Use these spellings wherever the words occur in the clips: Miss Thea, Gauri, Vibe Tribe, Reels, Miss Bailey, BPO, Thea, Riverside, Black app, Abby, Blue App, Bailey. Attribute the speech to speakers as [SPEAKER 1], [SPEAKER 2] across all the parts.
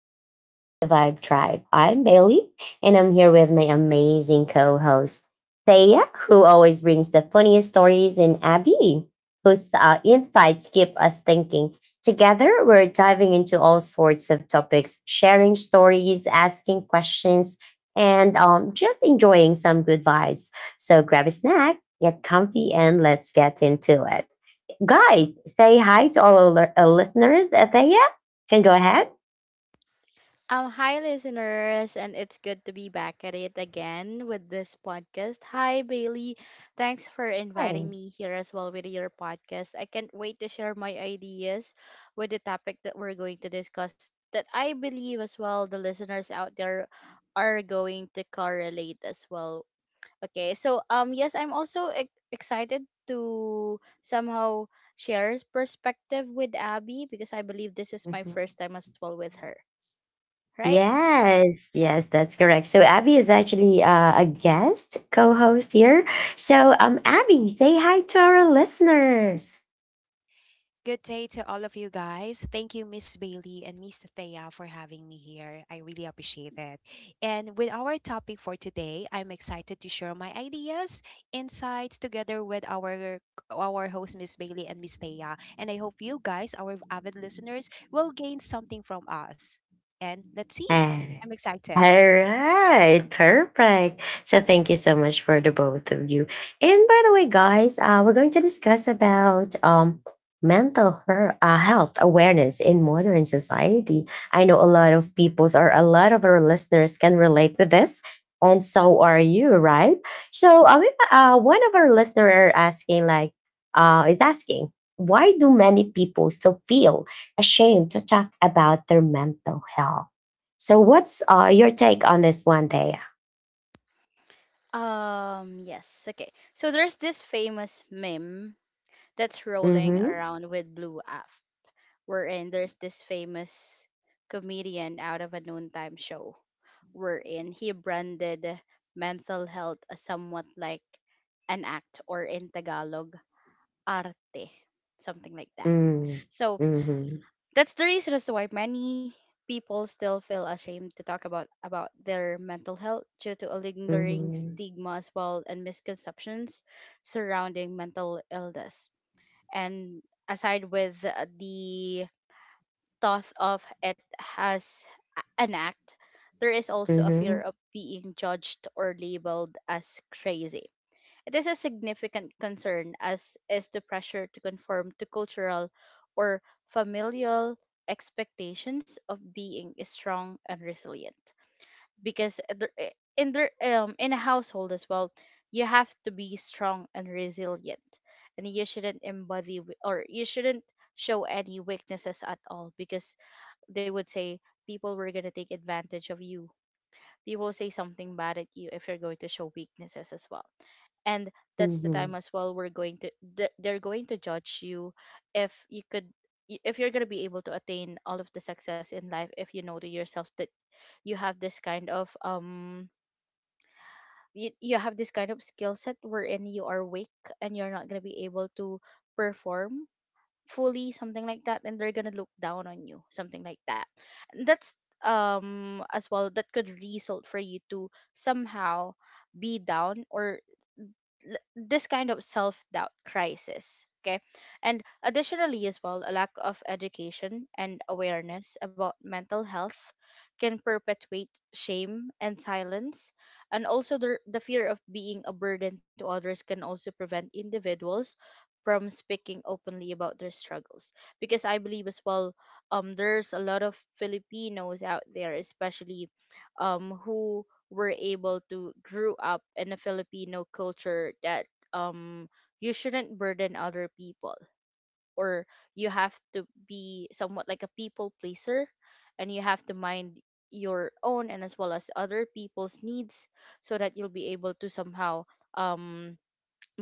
[SPEAKER 1] welcome to the Vibe Tribe. I'm Bailey and I'm here with my amazing co host, Thea, who always brings the funniest stories, and Abby, whose insights keep us thinking. Together, we're diving into all sorts of topics, sharing stories, asking questions, and just enjoying some good vibes. So grab a snack, get comfy, and let's get into it. Guys, say hi to all our listeners. Thea, can go ahead.
[SPEAKER 2] Hi, listeners, and it's good to be back at it again with this podcast. Hi, Bailey. Thanks for inviting
[SPEAKER 1] Hi.
[SPEAKER 2] me here as well with your podcast. I can't wait to share my ideas with the topic that we're going to discuss that I believe as well the listeners out there are going to correlate as well. Okay, so yes, I'm also excited to somehow share perspective with Abby because I believe this is my
[SPEAKER 1] Mhm.
[SPEAKER 2] first time as well with her, right?
[SPEAKER 1] Yes, yes, that's correct. So Abby is actually a guest co-host here. So Abby, say hi to our listeners.
[SPEAKER 3] Good day to all of you guys. Thank you, Miss Bailey and Miss Thea, for having me here. I really appreciate it. And with our topic for today, I'm excited to share my ideas, insights together with our host, Miss Bailey and Miss Thea. And I hope you guys, our avid listeners, will gain something from us. And let's see. I'm excited.
[SPEAKER 1] All right, perfect. So thank you so much for the both of you. And by the way, guys, we're going to discuss about mental health awareness in modern society. I know a lot of people's or a lot of our listeners can relate to this, and so are you, right? So one of our listeners are asking, like, is asking, why do many people still feel ashamed to talk about their mental health? So, what's your take on this one, Thea?
[SPEAKER 2] Yes. Okay. So there's this famous meme that's rolling
[SPEAKER 1] Mm-hmm.
[SPEAKER 2] around with Blue App, wherein there's this famous comedian out of a noontime show, wherein he branded mental health as somewhat like an act, or in Tagalog, arte, something like that.
[SPEAKER 1] Mm-hmm.
[SPEAKER 2] So
[SPEAKER 1] Mm-hmm.
[SPEAKER 2] that's the reason as to why many people still feel ashamed to talk about their mental health, due to a lingering
[SPEAKER 1] Mm-hmm.
[SPEAKER 2] stigma as well and misconceptions surrounding mental illness. And aside with the thought of it as an act, there is also a
[SPEAKER 1] Mm-hmm.
[SPEAKER 2] fear of being judged or labeled as crazy. It is a significant concern, as is the pressure to conform to cultural or familial expectations of being strong and resilient. Because in a household as well, you have to be strong and resilient, and you shouldn't embody or you shouldn't show any weaknesses at all, because they would say people were gonna take advantage of you. People will say something bad at you if you're going to show weaknesses as well, and that's the
[SPEAKER 1] Mm-hmm.
[SPEAKER 2] time as well we're going to they're going to judge you, if you could if you're going to be able to attain all of the success in life, if you know to yourself that you have this kind of you, you have this kind of skill set wherein you are weak and you're not going to be able to perform fully, something like that, and they're going to look down on you, something like that. And that's as well that could result for you to somehow be down, or this kind of self-doubt crisis, okay. And additionally as well, a lack of education and awareness about mental health can perpetuate shame and silence, and also the fear of being a burden to others can also prevent individuals from speaking openly about their struggles, because I believe as well there's a lot of Filipinos out there, especially who were able to grew up in a Filipino culture that um you shouldn't burden other people, or you have to be somewhat like a people pleaser, and you have to mind your own and as well as other people's needs, so that you'll be able to somehow um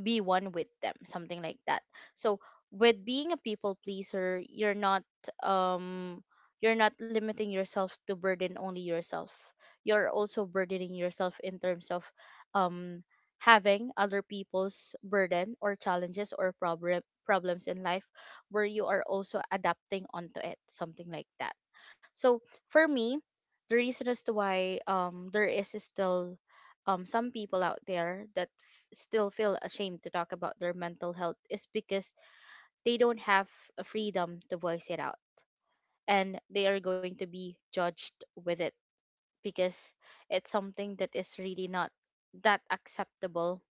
[SPEAKER 2] be one with them, something like that. So with being a people pleaser, um you're not limiting yourself to burden only yourself, you're also burdening yourself in terms of um having other people's burden or challenges or problems in life, where you are also adapting onto it, something like that. So for me, the reason as to why there is still some people out there that still feel ashamed to talk about their mental health is because they don't have a freedom to voice it out, and they are going to be judged with it, because it's something that is really not that acceptable,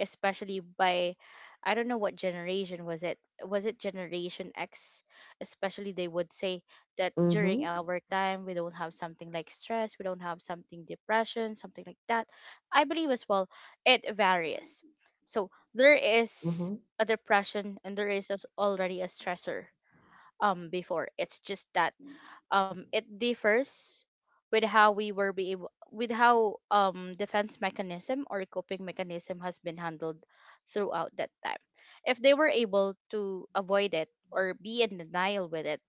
[SPEAKER 2] especially by, I don't know what generation was it. Was it Generation X? Especially they would say that during
[SPEAKER 1] Mm-hmm.
[SPEAKER 2] our time we don't have something like stress, we don't have something depression, something like that. I believe as well it varies. So there is
[SPEAKER 1] Mm-hmm.
[SPEAKER 2] a depression and there is already a stressor before. It's just that it differs with how we were be able, with how defense mechanism or coping mechanism has been handled throughout that time, if they were able to avoid it or be in denial with it.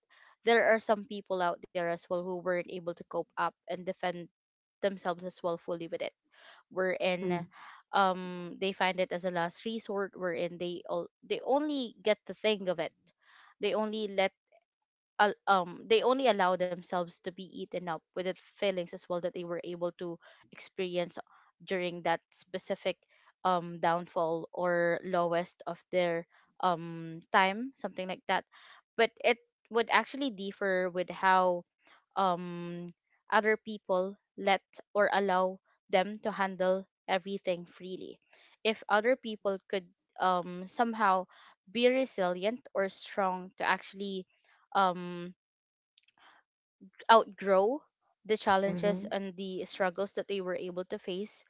[SPEAKER 2] There are some people out there as well who weren't able to cope up and defend themselves as well fully with it, wherein they find it as a last resort, wherein they all they only get to think of it, they only let they only allow themselves to be eaten up with the feelings as well that they were able to experience during that specific downfall or lowest of their time, something like that. But it would actually differ with how um other people let or allow them to handle everything freely. If other people could somehow be resilient or strong to actually um, outgrow the challenges
[SPEAKER 1] Mm-hmm.
[SPEAKER 2] and the struggles that they were able to face,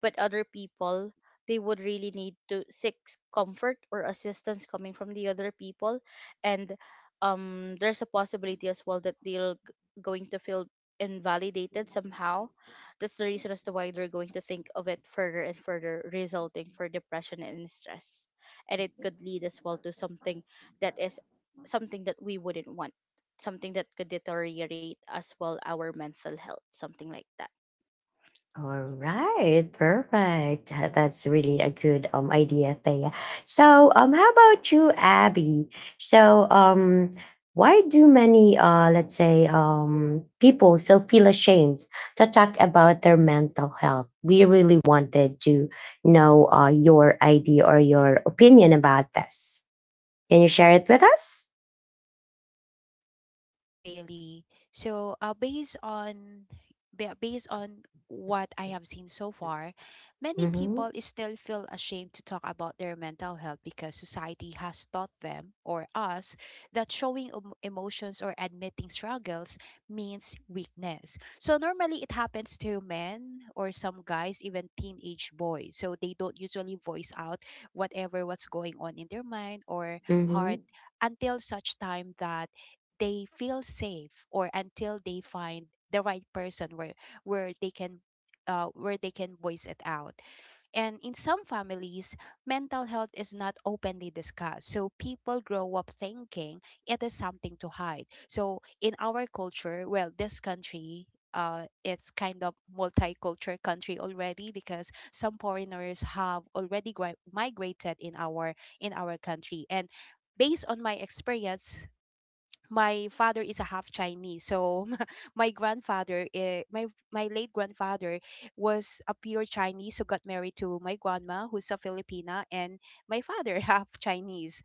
[SPEAKER 2] but other people, they would really need to seek comfort or assistance coming from the other people, and there's a possibility as well that they're going to feel invalidated somehow. That's the reason as to why they're going to think of it further and further, resulting for depression and stress, and it could lead as well to something that is something that we wouldn't want, something that could deteriorate as well our mental health, something like that.
[SPEAKER 1] All right, perfect. That's really a good idea, Thea. So how about you, Abby? So why do many let's say people still feel ashamed to talk about their mental health? We really wanted to know your idea or your opinion about this. Can you share it with us?
[SPEAKER 3] Sure, Miss Bailey. So, based on based on what I have seen so far, many
[SPEAKER 1] Mm-hmm.
[SPEAKER 3] people is still feel ashamed to talk about their mental health because society has taught them or us that showing emotions or admitting struggles means weakness. So normally it happens to men or some guys, even teenage boys. So they don't usually voice out whatever what's going on in their mind or
[SPEAKER 1] Mm-hmm.
[SPEAKER 3] heart until such time that they feel safe or until they find the right person where they can where they can voice it out. And in some families, mental health is not openly discussed. So people grow up thinking it is something to hide. So in our culture, well, this country, it's kind of multicultural country already because some foreigners have already migrated in our country. And based on my experience, my father is a half Chinese, so my my my late grandfather, was a pure Chinese who got married to my grandma, who's a Filipina, and my father half Chinese.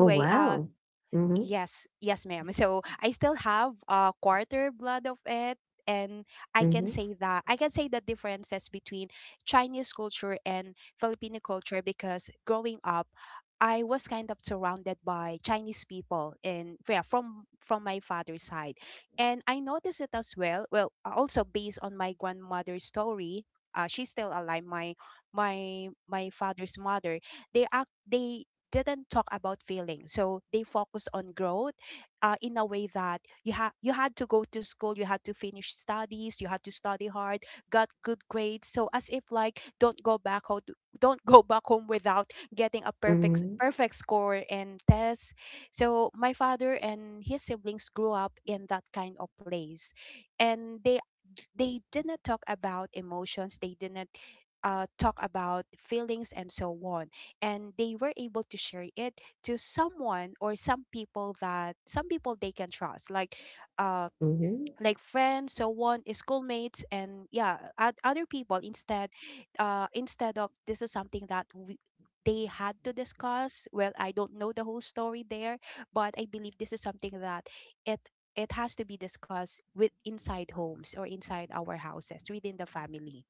[SPEAKER 1] Oh wow. Mm-hmm.
[SPEAKER 3] yes, yes, ma'am. So I still have a quarter blood of it, and
[SPEAKER 1] Mm-hmm.
[SPEAKER 3] I can say the differences between Chinese culture and Filipino culture because growing up, I was kind of surrounded by Chinese people in yeah, from my father's side, and I noticed it as well. Well, also based on my grandmother's story. She's still alive. My my father's mother. They act. They didn't talk about feelings. So they focus on growth in a way that you had to go to school, you had to finish studies, you had to study hard, got good grades. So as if like don't go back home, don't go back home without getting a perfect
[SPEAKER 1] Mm-hmm.
[SPEAKER 3] perfect score and tests. So my father and his siblings grew up in that kind of place, and they didn't talk about emotions. They didn't talk about feelings and so on, and they were able to share it to someone or some people that some people they can trust uh
[SPEAKER 1] Mm-hmm.
[SPEAKER 3] like friends so on, schoolmates, and yeah, other people instead instead of this is something that we, they had to discuss. Well, I don't know the whole story there, but I believe this is something that it it has to be discussed with inside homes or inside our houses within the family.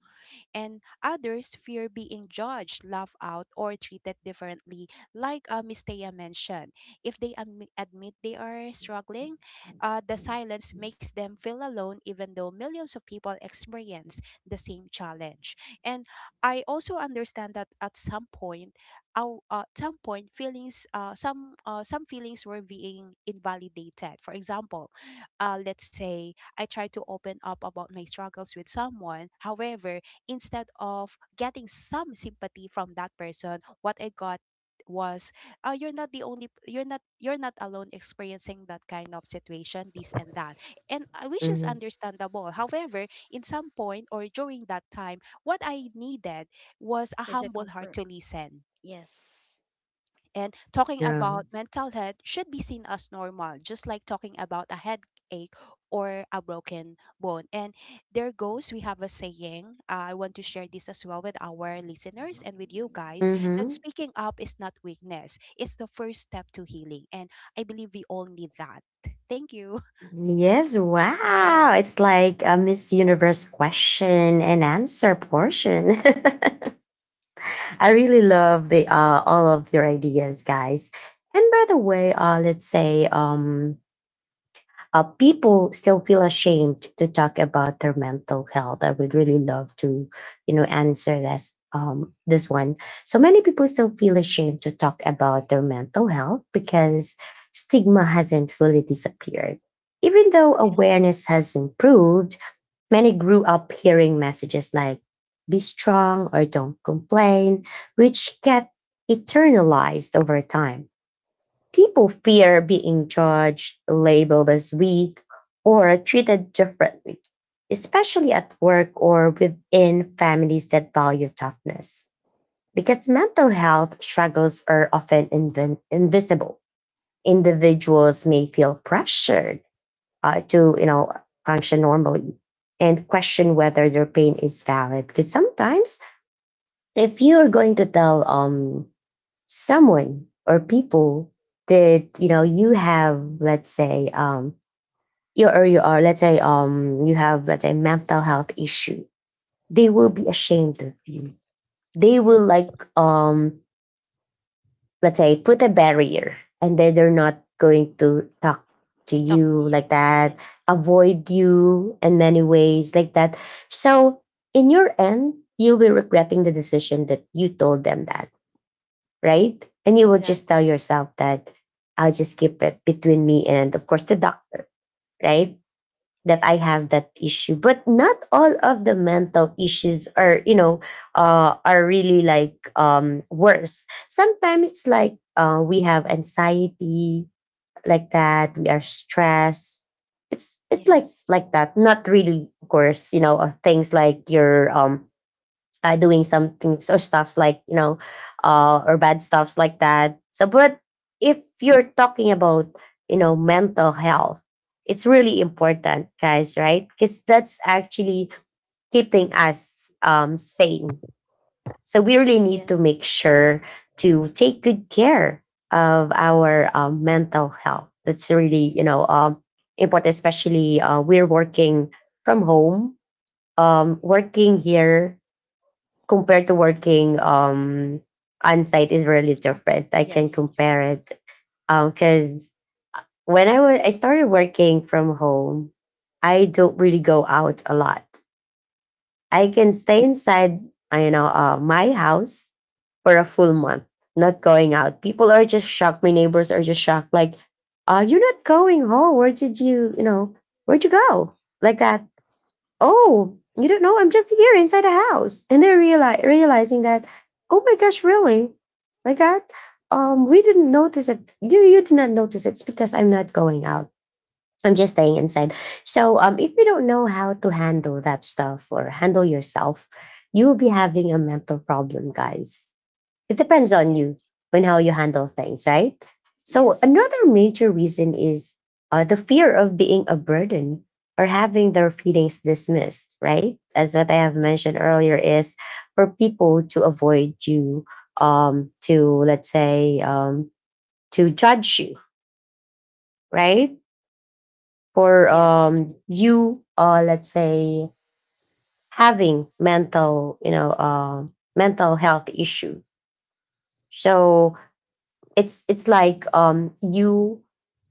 [SPEAKER 3] And others fear being judged, laughed out, or treated differently, like Miss Thea mentioned. If they admit they are struggling, the silence makes them feel alone, even though millions of people experience the same challenge. And I also understand that at some point, at some point, some feelings were being invalidated. For example, let's say I try to open up about my struggles with someone. However, instead of getting some sympathy from that person, what I got was, "Oh, you're not the only p- you're not alone experiencing that kind of situation, this and that," and which is
[SPEAKER 1] Mm-hmm.
[SPEAKER 3] understandable. However, in some point or during that time, what I needed was a
[SPEAKER 2] Is a
[SPEAKER 3] humble heart
[SPEAKER 2] comfort?
[SPEAKER 3] to listen.
[SPEAKER 2] Yes.
[SPEAKER 3] And talking
[SPEAKER 1] Yeah.
[SPEAKER 3] about mental health should be seen as normal, just like talking about a headache or a broken bone. And there goes, we have a saying. I want to share this as well with our listeners and with you guys that
[SPEAKER 1] Mm-hmm.
[SPEAKER 3] speaking up is not weakness, it's the first step to healing. And I believe we all need that. Thank you.
[SPEAKER 1] Yes, wow.
[SPEAKER 2] Yes.
[SPEAKER 1] It's like a Miss Universe question and answer portion. I really love the all of your ideas, guys. And by the way, let's say people still feel ashamed to talk about their mental health. I would really love to, you know, answer this this one. So many people still feel ashamed to talk about their mental health because stigma hasn't fully disappeared. Even though
[SPEAKER 2] Yes.
[SPEAKER 1] awareness has improved, many grew up hearing messages like "be strong" or "don't complain," which get eternalized over time. People fear being judged, labeled as weak, or treated differently, especially at work or within families that value toughness. Because mental health struggles are often invisible, individuals may feel pressured to, you know, function normally and question whether their pain is valid. Because sometimes, if you are going to tell someone or people that you know you have, let's say, you, or you are, let's say, you have, let's say, mental health issue, they will be ashamed of you. They will,
[SPEAKER 2] Yes.
[SPEAKER 1] like, let's say put a barrier, and then they're not going to talk to
[SPEAKER 2] Talk
[SPEAKER 1] you
[SPEAKER 2] to you.
[SPEAKER 1] like that,
[SPEAKER 2] Yes.
[SPEAKER 1] avoid you in many ways like that. So in your end, you'll be regretting the decision that you told them that, right? And you will just tell
[SPEAKER 2] Exactly.
[SPEAKER 1] yourself that I'll just keep it between me and, of course, the doctor, right? That I have
[SPEAKER 2] Yes.
[SPEAKER 1] that issue, but not all of the mental issues are, you know, are really like worse. Sometimes it's like we have anxiety like that. We are stressed. It's like
[SPEAKER 2] Yes.
[SPEAKER 1] like that. Not really, of course, you know, things like your doing some things or stuffs, like, you know, or bad stuffs like that. So but if you're talking about, you know, mental health, it's really important, guys, right? Because that's actually keeping us sane, so we really need to
[SPEAKER 2] Yes.
[SPEAKER 1] make sure to take good care of our mental health. That's really, you know, important, especially we're working from home, working here compared to working on site is really
[SPEAKER 2] I'm sorry.
[SPEAKER 1] different. I can
[SPEAKER 2] Yes.
[SPEAKER 1] compare it. Because when I was I started working from home, I don't really go out a lot. I can stay inside, you know, my house for a full month, not going out. People are just shocked. My neighbors are just shocked, like, "You're not going home. Where did you, you know, where'd you go?" Like that. Oh, you don't know. I'm just here inside the house. And they're realizing that, oh my gosh, really? Like that? We didn't notice it. You did not notice it. It's because I'm not going out. I'm just staying inside. So if you don't know how to handle that stuff or handle yourself, you'll be having a mental problem, guys. It depends on you
[SPEAKER 2] Yes.
[SPEAKER 1] and how you handle things, right? So
[SPEAKER 2] Yes.
[SPEAKER 1] another major reason is the fear of being a burden or having their feelings dismissed, right? As what I have mentioned
[SPEAKER 2] Yes.
[SPEAKER 1] earlier is, for people to avoid you, to, let's say, to judge you, right? For
[SPEAKER 2] Yes.
[SPEAKER 1] you, let's say, having mental, you know, mental health issue. So it's like you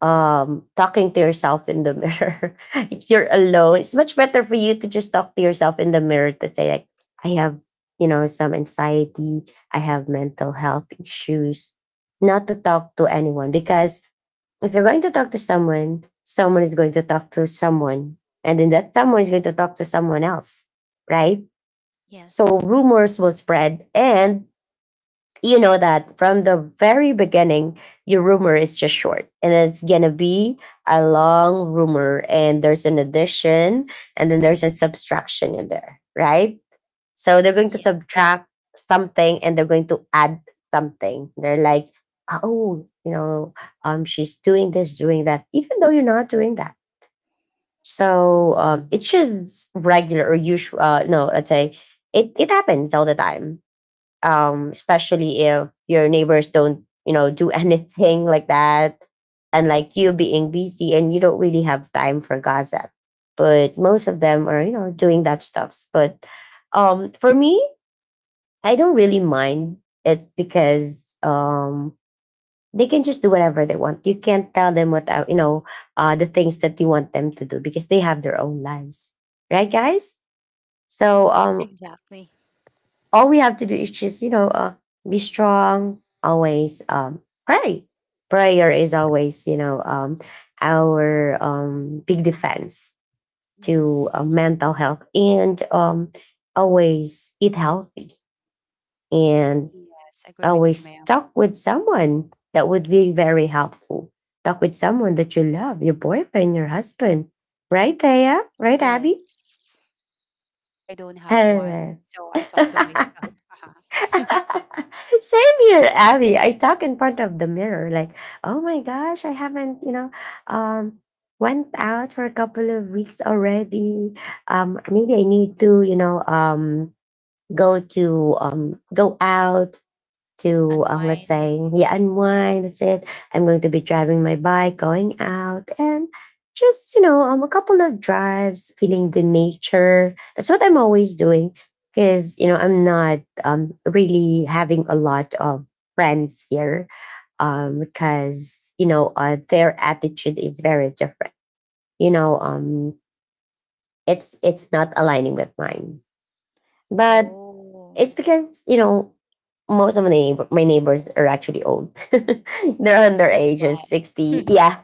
[SPEAKER 1] talking to yourself in the mirror. You're alone. It's much
[SPEAKER 2] Yes.
[SPEAKER 1] better for you to just talk to yourself in the mirror, to say like, I have, you know, some anxiety, I have mental health issues, not to talk to anyone. Because if you're going to talk to someone, someone is going to talk to someone, and then that someone is going to talk to someone else, right? So
[SPEAKER 2] Yes.
[SPEAKER 1] rumors will spread. And you know that from the very beginning, your rumor is just short, and it's going to be a long rumor. And there's an addition, and then there's a subtraction in there, right? So they're going to
[SPEAKER 2] Yes.
[SPEAKER 1] subtract something, and they're going to add something. They're like, oh, you know, she's doing this, doing that, even though you're not doing that. So it's just regular or usual. No, I'd say it happens all the time, especially if your neighbors don't, you know, do anything like that, and like you being busy and you don't really have time for gossip. But most of them are, you know, doing that stuff. But for me, I don't really mind. It's because they can just do whatever they want. You can't tell them what you know, the things that you want them to do because they have their own lives, right, guys? So
[SPEAKER 2] Exactly.
[SPEAKER 1] all we have to do is just, you know, be strong always, pray prayer is always, you know, our big defense to
[SPEAKER 2] Yes.
[SPEAKER 1] mental health. And always eat healthy, and
[SPEAKER 3] Yes, agree with you,
[SPEAKER 1] always
[SPEAKER 3] ma'am.
[SPEAKER 1] talk with someone that would be very helpful. Talk with someone that you love, your boyfriend, your husband, right Thea, right Abby?
[SPEAKER 2] Yes.
[SPEAKER 3] I don't have
[SPEAKER 1] All
[SPEAKER 3] one,
[SPEAKER 1] right.
[SPEAKER 3] so I talk to myself.
[SPEAKER 1] Same here, Abby. I talk in front of the mirror, like, oh my gosh, I haven't, you know, um, went out for a couple of weeks already. Maybe I need to, you know, go to go out to let's
[SPEAKER 2] Unwind.
[SPEAKER 1] say, yeah, unwind. That's it. I'm going to be driving my bike, going out, and just, you know, a couple of drives, feeling the nature. That's what I'm always doing, because you know I'm not really having a lot of friends here, because you know their attitude is very different, you know, it's not aligning with mine. But
[SPEAKER 2] Oh,
[SPEAKER 1] it's because you know most of my neighbors are actually old. They're
[SPEAKER 2] that's
[SPEAKER 1] underage
[SPEAKER 2] why.
[SPEAKER 1] of 60. Yeah,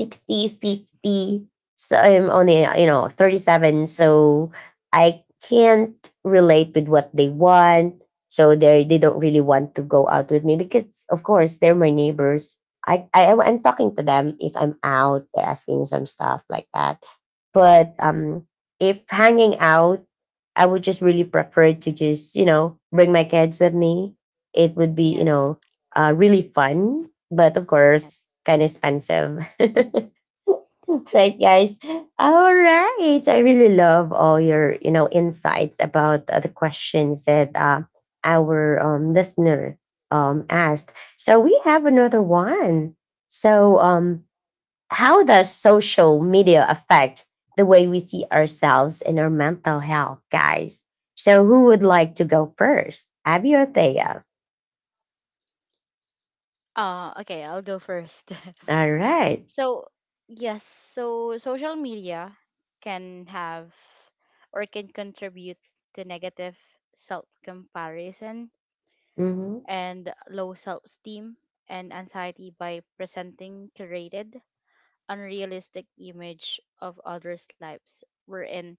[SPEAKER 1] 60, 50. So I'm only, you know, 37. So I can't relate with what they want. So they don't really want to go out with me because, of course, they're my neighbors. I'm talking to them if I'm out, they're asking some stuff like that. But if hanging out, I would just really prefer to just, you know, bring my kids with me. It would be, you
[SPEAKER 2] Yes.
[SPEAKER 1] know, really fun. But of course,
[SPEAKER 2] Yes.
[SPEAKER 1] kind of expensive. Right, guys? All right. I really love all your, you know, insights about the questions that our listener asked. So we have another one. So how does social media affect the way we see ourselves and our mental health, guys? So who would like to go first? Abby or Thea?
[SPEAKER 2] Okay, I'll go first.
[SPEAKER 1] All right.
[SPEAKER 2] So, yes, so social media can have or can contribute to negative self comparison
[SPEAKER 1] Mm-hmm.
[SPEAKER 2] and low self esteem and anxiety, by presenting curated unrealistic image of others' lives. We're in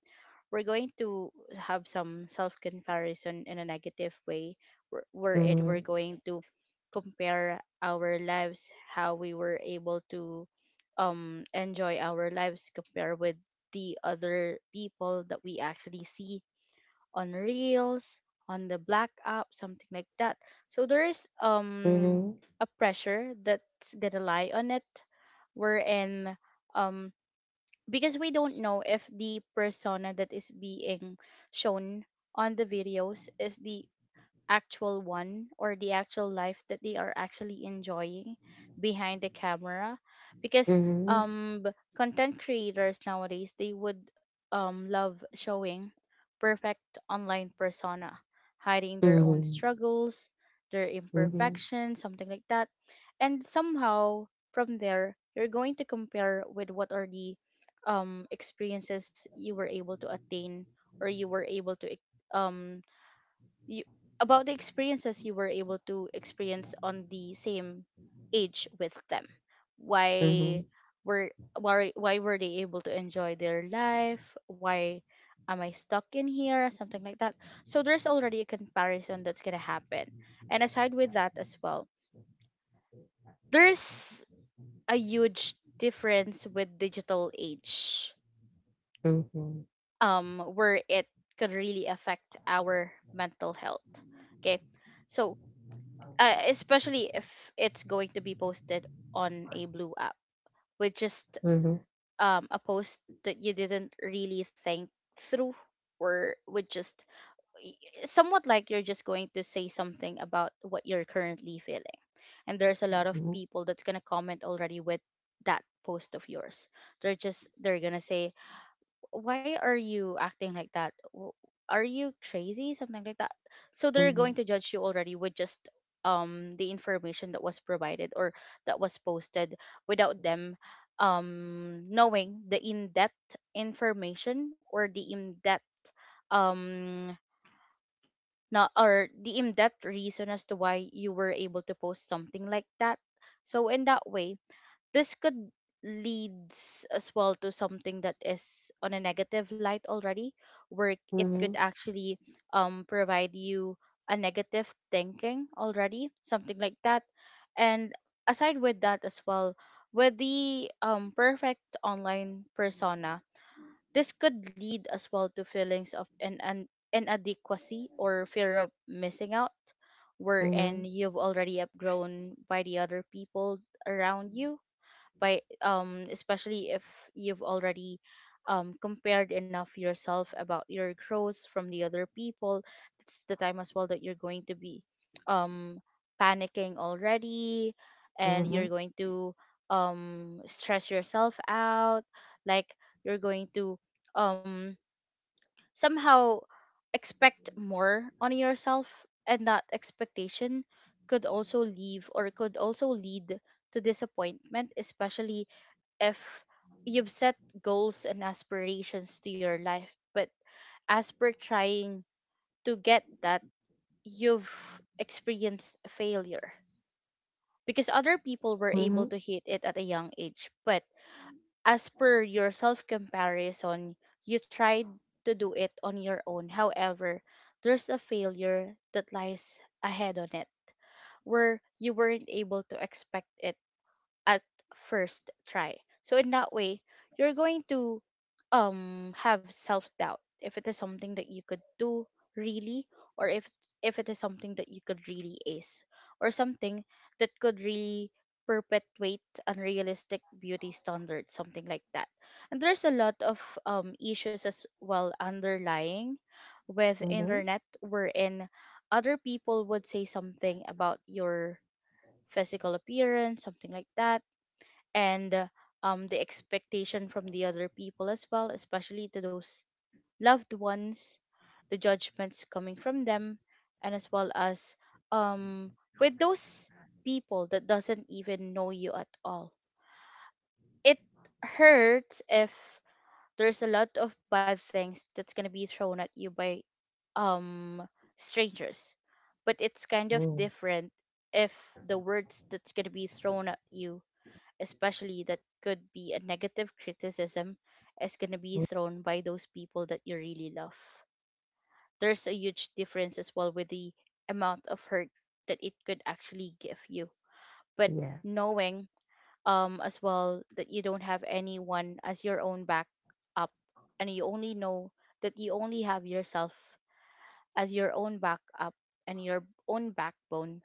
[SPEAKER 2] we're going to have some self comparison in a negative way. We're it we're
[SPEAKER 1] Mm-hmm.
[SPEAKER 2] going to compare our lives, how we were able to enjoy our lives, compare with the other people that we actually see on Reels, on the Black app, something like that. So there is
[SPEAKER 1] Mm-hmm.
[SPEAKER 2] a pressure that's gonna lie on it, wherein um because we don't know if the persona that is being shown on the videos is the actual one, or the actual life that they are actually enjoying behind the camera, because
[SPEAKER 1] Mm-hmm.
[SPEAKER 2] content creators nowadays, they would love showing perfect online persona, hiding their own
[SPEAKER 1] Mm-hmm.
[SPEAKER 2] struggles, their
[SPEAKER 1] Mhm.
[SPEAKER 2] imperfections, something like that. And somehow from there you're going to compare with what are the experiences you were able to attain, or you were able to um you, about the experiences you were able to experience on the same age with them. why
[SPEAKER 1] Mhm.
[SPEAKER 2] were why were they able to enjoy their life, why am I stuck in here, something like that. So there's already a comparison that's going to happen, and aside with that as well, there's a huge difference with digital age,
[SPEAKER 1] Mhm.
[SPEAKER 2] where it could really affect our mental health. Okay, so especially if it's going to be posted on a blue app with just
[SPEAKER 1] Mhm. Mhm.
[SPEAKER 2] a post that you didn't really think through, or with just y- somewhat like you're just going to say something about what you're currently feeling, and there's a lot of
[SPEAKER 1] Mhm.
[SPEAKER 2] people that's going to comment already with that post of yours. They're just they're going to say, why are you acting like that? W- Are you crazy? Something like that. So they're
[SPEAKER 1] Mhm.
[SPEAKER 2] going to judge you already with just the information that was provided or that was posted, without them knowing the in-depth information, or the in-depth um not, or the in-depth reason as to why you were able to post something like that. So in that way, this could leads as well to something that is on a negative light already, where it could
[SPEAKER 1] Mhm.
[SPEAKER 2] actually provide you a negative thinking already, something like that. And aside with that as well, with the perfect online persona, this could lead as well to feelings of an inadequacy or fear of missing out, wherein
[SPEAKER 1] Mhm.
[SPEAKER 2] you've already outgrown by the other people around you, by especially if you've already compared enough yourself about your growth from the other people, that's the time as well that you're going to be um panicking already, and you're
[SPEAKER 1] Mhm.
[SPEAKER 2] going to stress yourself out, like you're going to um somehow expect more on yourself, and that expectation could also leave or could also lead to disappointment, especially if you've set goals and aspirations to your life, but as per trying to get that, you've experienced failure because other people were able
[SPEAKER 1] Mhm.
[SPEAKER 2] to hit it at a young age. But as per your self comparison, you tried to do it on your own. However, there's a failure that lies ahead on it, where you weren't able to expect it at first try. So in that way, you're going to have self-doubt if it is something that you could do really or if it is something that you could really ace or something that could really perpetuate unrealistic beauty standards, something like that. And there's a lot of issues as well underlying with
[SPEAKER 1] Mm.
[SPEAKER 2] internet, wherein other people would say something about your physical appearance, something like that. And the expectation from the other people as well, especially to those loved ones, the judgments coming from them, and as well as um, with those people that doesn't even know you at all. It hurts if there's a lot of bad things that's gonna be thrown at you by um strangers, but it's kind of different if the words that's gonna be thrown at you, especially that could be a negative criticism, is going to be
[SPEAKER 1] Mm.
[SPEAKER 2] thrown by those people that you really love. There's a huge difference as well with the amount of hurt that it could actually give you. But
[SPEAKER 1] Yeah.
[SPEAKER 2] knowing as well that you don't have anyone as your own back up and you only know that you only have yourself as your own backup and your own backbone,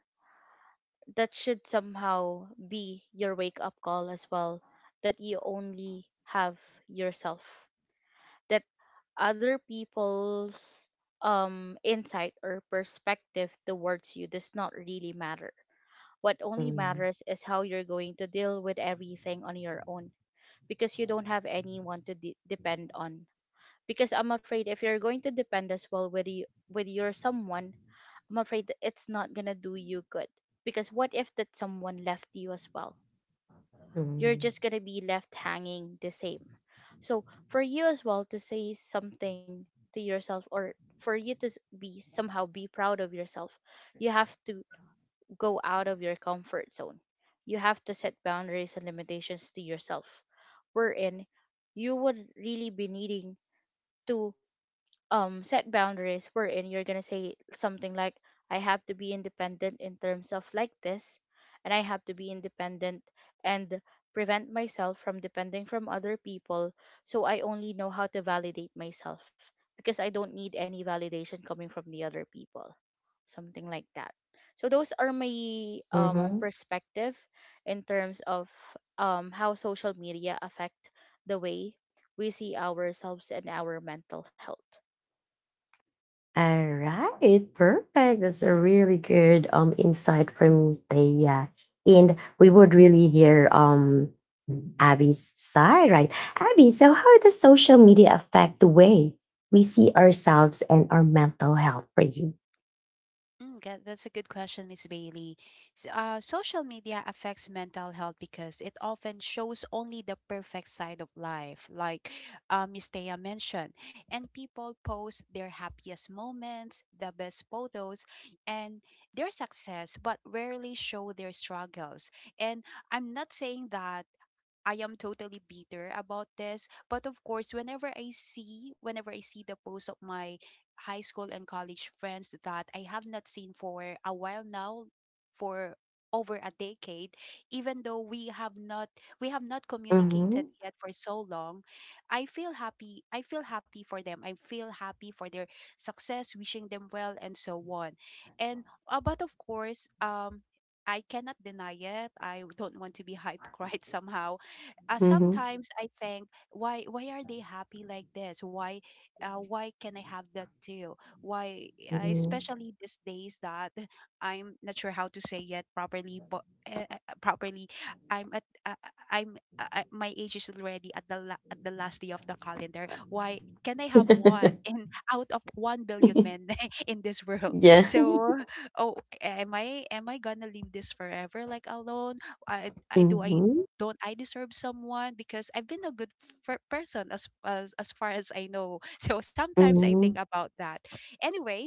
[SPEAKER 2] that should somehow be your wake up call as well, that you only have yourself, that other people's insight or perspective towards you does not really matter. What only
[SPEAKER 1] Mm.
[SPEAKER 2] matters is how you're going to deal with everything on your own, because you don't have anyone to depend on. Because I'm afraid if you're going to depend as well with you, with your someone, I'm afraid that it's not gonna do you good. Because what if that someone left you as well? You're
[SPEAKER 1] Mhm.
[SPEAKER 2] just gonna be left hanging the same. So for you as well to say something to yourself, or for you to be somehow be proud of yourself, you have to go out of your comfort zone. You have to set boundaries and limitations to yourself, wherein you would really be needing to set boundaries, wherein you're gonna say something like, I have to be independent in terms of like this, and I have to be independent and prevent myself from depending from other people, so I only know how to validate myself, because I don't need any validation coming from the other people, something like that. So those are my
[SPEAKER 1] Mhm.
[SPEAKER 2] perspective in terms of how social media affect the way we see ourselves and our mental health.
[SPEAKER 1] All right, perfect. That's a really good insight from Thea. And we would really hear Abby's side, right? Abby, so how does social media affect the way we see ourselves and our mental health for you?
[SPEAKER 3] Mm, that's a good question, Miss Bailey. Social media affects mental health because it often shows only the perfect side of life, like Miss Thea mentioned. And people post their happiest moments, the best photos, and their success, but rarely show their struggles. And I'm not saying that I am totally bitter about this. But of course, whenever I see the posts of my high school and college friends that I have not seen for a while now, for over a decade, even though we have not communicated
[SPEAKER 1] Mm-hmm.
[SPEAKER 3] yet for so long, I feel happy. I feel happy for them. I feel happy for their success, wishing them well, and so on. And but of course, I cannot deny it. I don't want to be hypocrite somehow. Sometimes I think, why are they happy like this? Why can I have that too? Why
[SPEAKER 1] Mm-hmm.
[SPEAKER 3] especially these days that I'm not sure how to say yet properly, but properly I'm at I'm my age is already at the at the last day of the calendar. Why can I have one in out of 1 billion men in this world?
[SPEAKER 1] Yeah.
[SPEAKER 3] So oh, am I gonna live this forever like alone? I do I
[SPEAKER 1] Mhm.
[SPEAKER 3] don't I deserve someone because I've been a good person as as far as I know. So sometimes I think
[SPEAKER 1] Mhm.
[SPEAKER 3] about that. Anyway,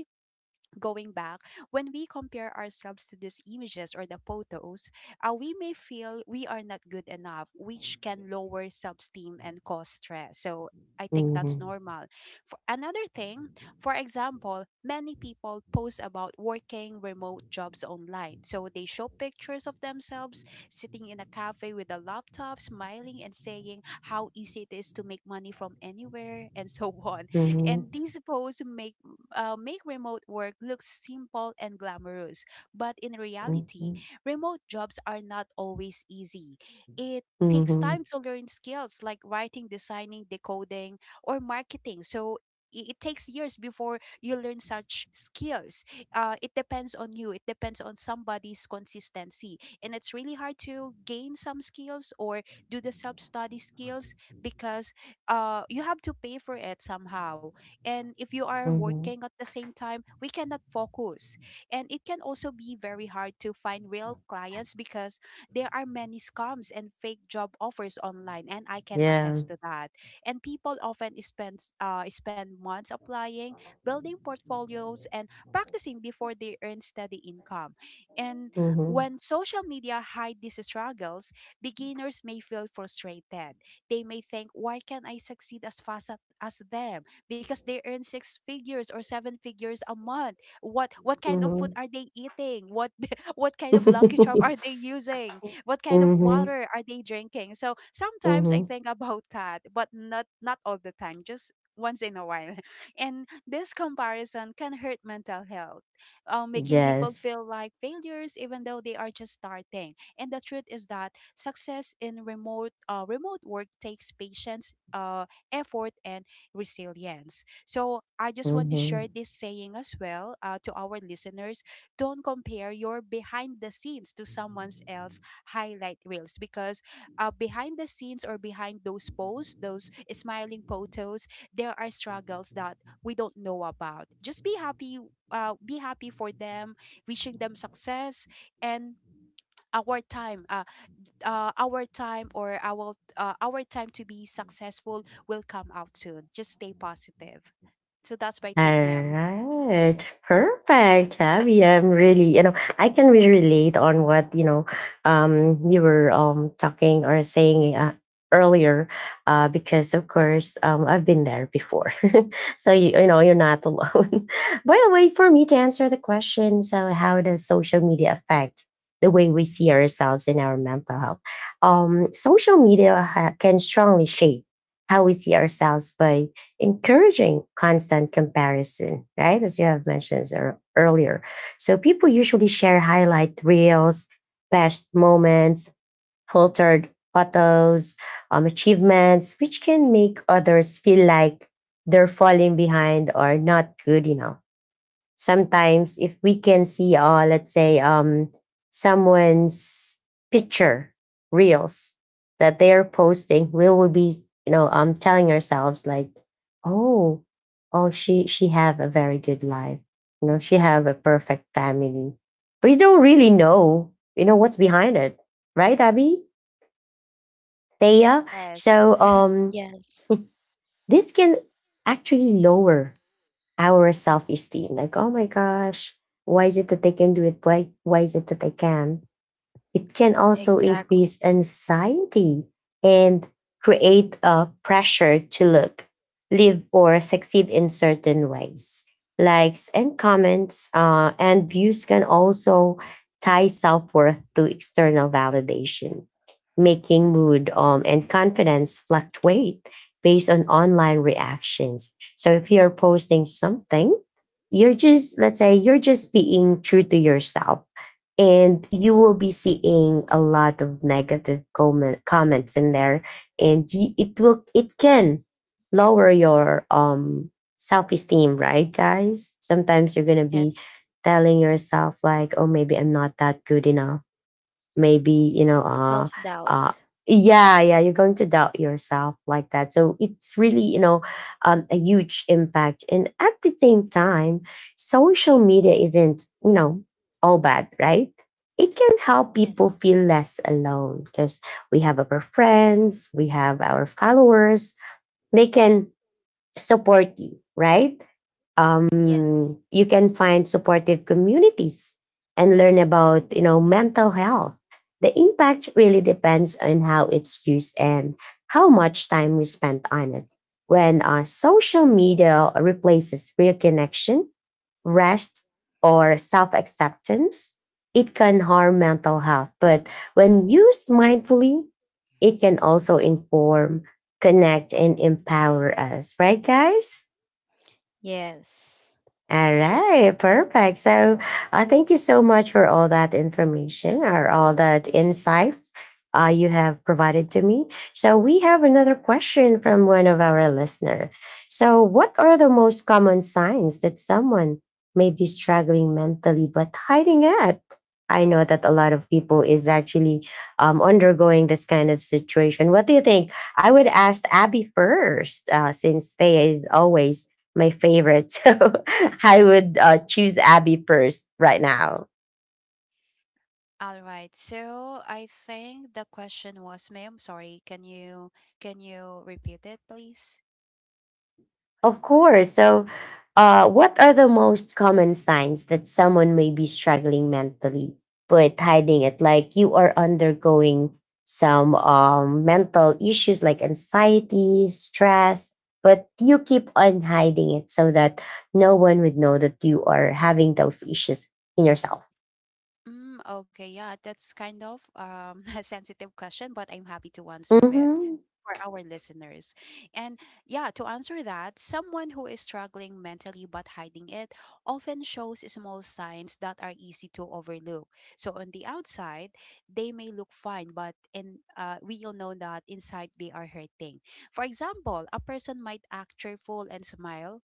[SPEAKER 3] going back, when we compare ourselves to these images or the photos, we may feel we are not good enough, which can lower self-esteem and cause stress. So I think
[SPEAKER 1] Mhm.
[SPEAKER 3] that's normal. For another thing, for example, many people post about working remote jobs online, so they show pictures of themselves sitting in a cafe with a laptop, smiling and saying how easy it is to make money from anywhere and so on. And
[SPEAKER 1] Mhm.
[SPEAKER 3] these posts make make remote work look simple and glamorous. But in reality,
[SPEAKER 1] Mhm.
[SPEAKER 3] remote jobs are not always easy. It takes
[SPEAKER 1] Mhm.
[SPEAKER 3] time to learn skills like writing, designing, decoding, or marketing. So it takes years before you learn such skills. It depends on you. It depends on somebody's consistency. And it's really hard to gain some skills or do the self study skills because you have to pay for it somehow, and if you are
[SPEAKER 1] Mhm.
[SPEAKER 3] working at the same time, we cannot focus. And it can also be very hard to find real clients because there are many scams and fake job offers online, and I can
[SPEAKER 1] Yeah.
[SPEAKER 3] attest to that. And people often spend months applying, building portfolios, and practicing before they earn steady income. And
[SPEAKER 1] Mhm.
[SPEAKER 3] when social media hide these struggles, beginners may feel frustrated. They may think, why can't I succeed as fast as them, because they earn six figures or seven figures a month. What kind of food
[SPEAKER 1] Mhm.
[SPEAKER 3] are they eating? What what kind of Lucky Charm are they using? What kind of
[SPEAKER 1] Mhm.
[SPEAKER 3] water are they drinking? So sometimes I
[SPEAKER 1] Mhm.
[SPEAKER 3] think about that, but not all the time, just once in a while. And this comparison can hurt mental health, making people
[SPEAKER 1] Yes.
[SPEAKER 3] feel like failures even though they are just starting. And the truth is that success in remote work takes patience, effort, and resilience. So I just want to share
[SPEAKER 1] Mhm.
[SPEAKER 3] this saying as well to our listeners. Don't compare your behind the scenes to someone else highlight reels because behind the scenes or behind those posts, those smiling photos, there are struggles that we don't know about. Just be happy. Be happy for them, wishing them success, and our time. Our time or our time to be successful will come out soon. Just stay positive. So that's my
[SPEAKER 1] All
[SPEAKER 3] take, ma'am.
[SPEAKER 1] right, perfect, Abby. I'm really, I can really relate on what you were talking or saying earlier, because of course, I've been there before, so you know, you're not alone. By the way, for me to answer the question, so how does social media affect the way we see ourselves in our mental health? Social media can strongly shape how we see ourselves by encouraging constant comparison, right? As you have mentioned earlier. So people usually share highlight reels, best moments, filtered photos, achievements, which can make others feel like they're falling behind or not good enough. Sometimes if we can see let's say someone's picture, reels that they're posting, we will be, you know, telling ourselves like, oh, oh, she have a very good life, you know, she have a perfect family, but you don't really know, you know, what's behind it, right, Abby, Thea? so
[SPEAKER 3] Yes.
[SPEAKER 1] um
[SPEAKER 2] Yes,
[SPEAKER 1] this can actually lower our self esteem. Like, oh my gosh, why is it that they can do it? Why is it that I can? It can also
[SPEAKER 2] exactly.
[SPEAKER 1] increase anxiety and create a pressure to look, live, or succeed in certain ways. Likes and comments and views can also tie self worth to external validation, making mood and confidence fluctuate based on online reactions. So if you're posting something, you're just, let's say, you're just being true to yourself, and you will be seeing a lot of negative comments in there, and it will it can lower your self-esteem, right, guys? Sometimes you're gonna be
[SPEAKER 2] Yes.
[SPEAKER 1] telling yourself like, oh, maybe I'm not that good enough, maybe, you know
[SPEAKER 2] Self
[SPEAKER 1] uh
[SPEAKER 2] doubt.
[SPEAKER 1] yeah, yeah, you're going to doubt yourself like that. So it's really, you know, a huge impact. And at the same time, social media isn't, you know, all bad, right? It can help people
[SPEAKER 2] Yes.
[SPEAKER 1] feel less alone, because we have our friends, we have our followers, they can support you, right?
[SPEAKER 2] Yes.
[SPEAKER 1] You can find supportive communities and learn about, you know, mental health. The impact really depends on how it's used and how much time we spend on it. When social media replaces real connection, rest, or self-acceptance, it can harm mental health. But when used mindfully, it can also inform, connect, and empower us, right, guys?
[SPEAKER 2] Yes.
[SPEAKER 1] All right, perfect. So, thank you so much for all that information or all that insights you have provided to me. So, we have another question from one of our listener. So, what are the most common signs that someone may be struggling mentally but hiding it? I know that a lot of people is actually undergoing this kind of situation. What do you think? I would ask Abby first, since they is always my favorite. So I would choose Abby first right now.
[SPEAKER 3] All right. So I think the question was, ma'am, sorry, can you repeat it, please?
[SPEAKER 1] Of course. So, what are the most common signs that someone may be struggling mentally but hiding it? Like you are undergoing some mental issues like anxiety, stress, but you keep on hiding it so that no one would know that you are having those issues in yourself.
[SPEAKER 3] Mm, okay, yeah, that's kind of a sensitive question, but I'm happy to answer it
[SPEAKER 1] Mm-hmm.
[SPEAKER 3] for our listeners. And yeah, to answer that, someone who is struggling mentally but hiding it often shows small signs that are easy to overlook. So on the outside, they may look fine, but in we all know that inside they are hurting. For example, a person might act cheerful and smile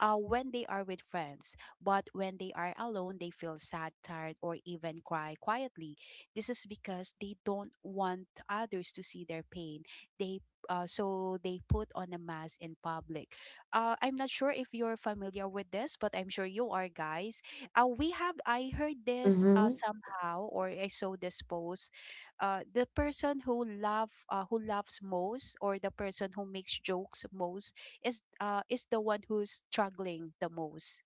[SPEAKER 3] when they are with friends, but when they are alone, they feel sad, tired, or even cry quietly. This is because they don't want others to see their pain. They So they put on a mask in public. I'm not sure if you're familiar with this, but I'm sure you are, guys. We have I heard this
[SPEAKER 1] Mm-hmm.
[SPEAKER 3] somehow, or I saw this post the person who love who laughs most, or the person who makes jokes most is the one who's struggling the most.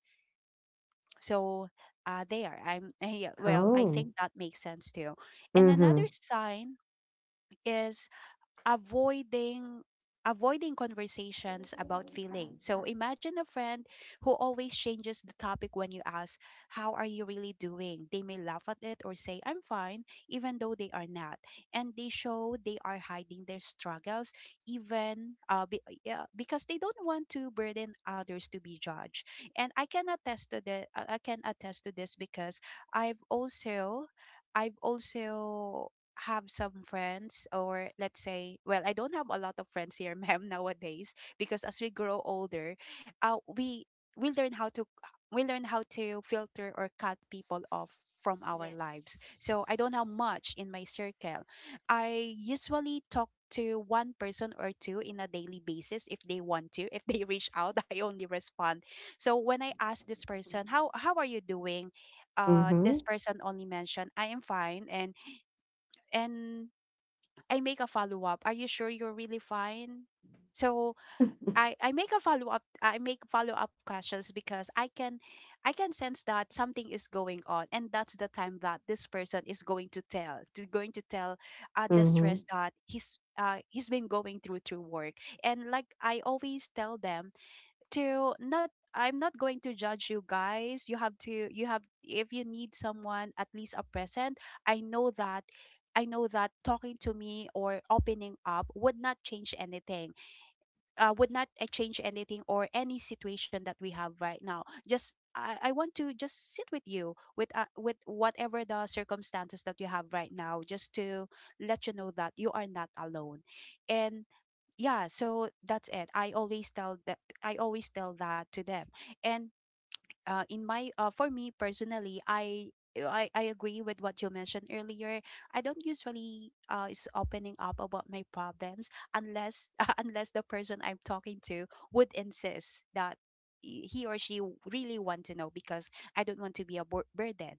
[SPEAKER 3] So there I'm Yeah, well, I
[SPEAKER 1] Oh.
[SPEAKER 3] think that makes sense too. And another
[SPEAKER 1] Mm-hmm.
[SPEAKER 3] sign is avoiding avoiding conversations about feelings. So imagine a friend who always changes the topic when you ask, "How are you really doing?" They may laugh at it or say, "I'm fine," even though they are not, and they show they are hiding their struggles, even yeah, because they don't want to burden others to be judged. And I can attest to this because I've also I've also have some friends, or let's say, well, I don't have a lot of friends here ma'am, nowadays, because as we grow older, uh we we learn how to we learn how to filter or cut people off from our
[SPEAKER 2] Yes.
[SPEAKER 3] lives. So I don't have much in my circle. I usually talk to one person or two in a daily basis, if they want to if they reach out I only respond. So when I ask this person, how are you doing, this
[SPEAKER 1] Mhm.
[SPEAKER 3] person only mentioned, "I am fine," and and I make a follow up. Are you sure you're really fine? So I make a follow up I make follow up questions because I can sense that something is going on, and that's the time that this person is going to tell the
[SPEAKER 1] Mhm.
[SPEAKER 3] stress that he's been going through through work. And like I always tell them, to not I'm not going to judge you guys. You have to, you have if you need someone, at least a present. I know that I know that talking to me or opening up would not change anything, would not change anything or any situation that we have right now. Just I want to just sit with you with whatever the circumstances that you have right now, just to let you know that you are not alone. And yeah, so that's it. I always tell that to them. And in my for me personally, I agree with what you mentioned earlier. I don't usually is opening up about my problems unless unless the person I'm talking to would insist that he or she really want to know, because I don't want to be a burden.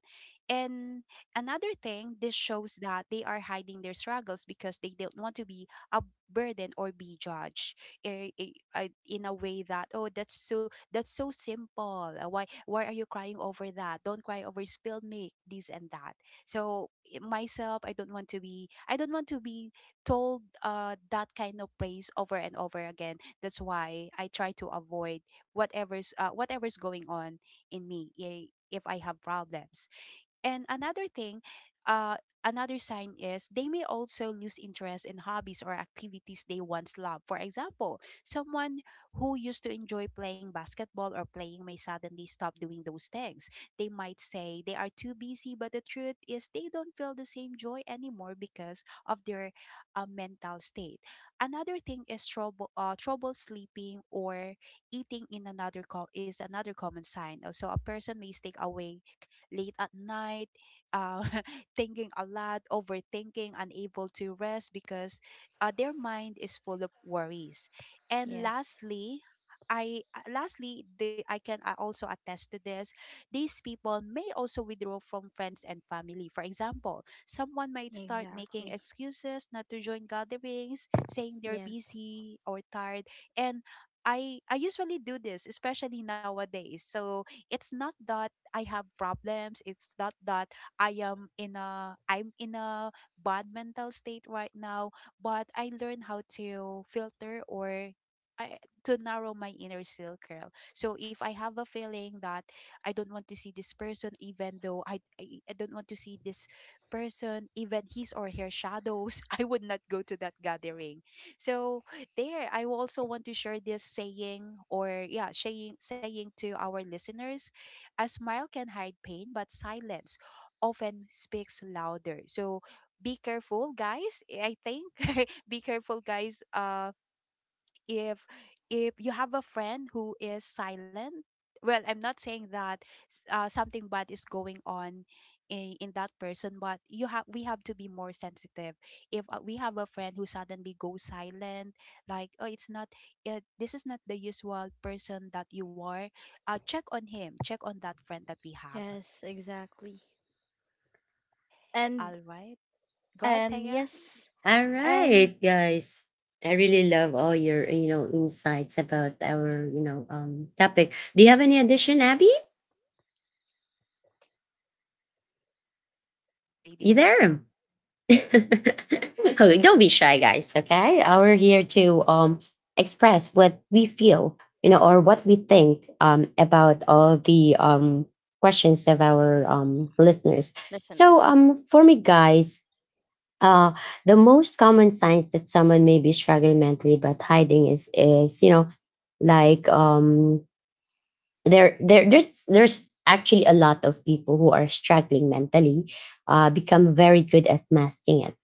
[SPEAKER 3] And another thing, this shows that they are hiding their struggles because they don't want to be a burden or be judged, eh, eh, I in a way that, "Oh, that's so, that's so simple. Why are you crying over that? Don't cry over spilled milk," this and that. So myself, I don't want to be told that kind of praise over and over again. That's why I try to avoid whatever's going on in me, if I have problems. And another thing, uh, another sign is they may also lose interest in hobbies or activities they once loved. For example, someone who used to enjoy playing basketball or playing may suddenly stop doing those things. They might say they are too busy, but the truth is they don't feel the same joy anymore because of their mental state. Another thing is trouble sleeping or eating in another is another common sign. So a person may stay awake late at night, uh, thinking a lot, overthinking, unable to rest because their mind is full of worries. And
[SPEAKER 2] Yes.
[SPEAKER 3] lastly, I lastly, I can also attest to this. These people may also withdraw from friends and family. For example, someone might start making
[SPEAKER 2] Exactly.
[SPEAKER 3] excuses not to join gatherings, saying they're
[SPEAKER 2] Yes.
[SPEAKER 3] busy or tired, and I usually do this, especially nowadays. So it's not that I have problems. It's not that I'm in a bad mental state right now, but I learn how to filter, or I, to narrow my inner circle. So if I have a feeling that I don't want to see this person, even though I don't want to see this person, even his or her shadows, I would not go to that gathering. So there, I also want to share this saying, or yeah, saying to our listeners: a smile can hide pain, but silence often speaks louder. So be careful, guys. I think be careful, guys. If if you have a friend who is silent, well, I'm not saying that something bad is going on in that person, but you have we have to be more sensitive. If we have a friend who suddenly goes silent, like, oh, it's not, this is not the usual person that you are, check on him, check on that friend that we have.
[SPEAKER 2] Yes, exactly. And
[SPEAKER 3] All right, go ahead,
[SPEAKER 2] and
[SPEAKER 3] Taya.
[SPEAKER 2] yes.
[SPEAKER 1] All right,
[SPEAKER 2] And
[SPEAKER 1] guys. I really love all your, you know, insights about our, you know, topic. Do you have any addition, Abby?
[SPEAKER 3] That's all for now, Miss
[SPEAKER 1] You
[SPEAKER 3] Bailey, thank
[SPEAKER 1] there?
[SPEAKER 3] you.
[SPEAKER 1] Okay, don't be shy, guys. Okay. We're here to express what we feel, you know, or what we think about all the questions of our listeners. So
[SPEAKER 2] listeners.
[SPEAKER 1] for me, guys, Uh, the most common signs that someone may be struggling mentally but hiding is you know, like, um, there's actually a lot of people who are struggling mentally, become very good at masking it,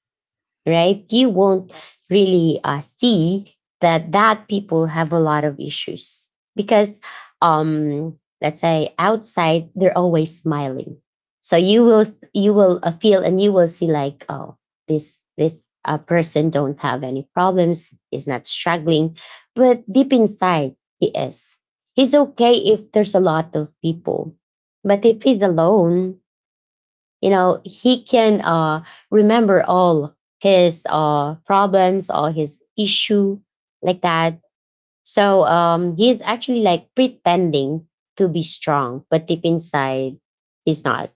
[SPEAKER 1] right? You won't
[SPEAKER 2] Yes.
[SPEAKER 1] really see that that people have a lot of issues because, um let's say, outside they're always smiling. So you will, you will feel, and you will see like, oh, this person don't have any problems, is not struggling. But deep inside, he is. He's okay if there's a lot of people, but if he's alone, you know, he can remember all his problems or his issue, like that. So he's actually like pretending to be strong, but deep inside he's not,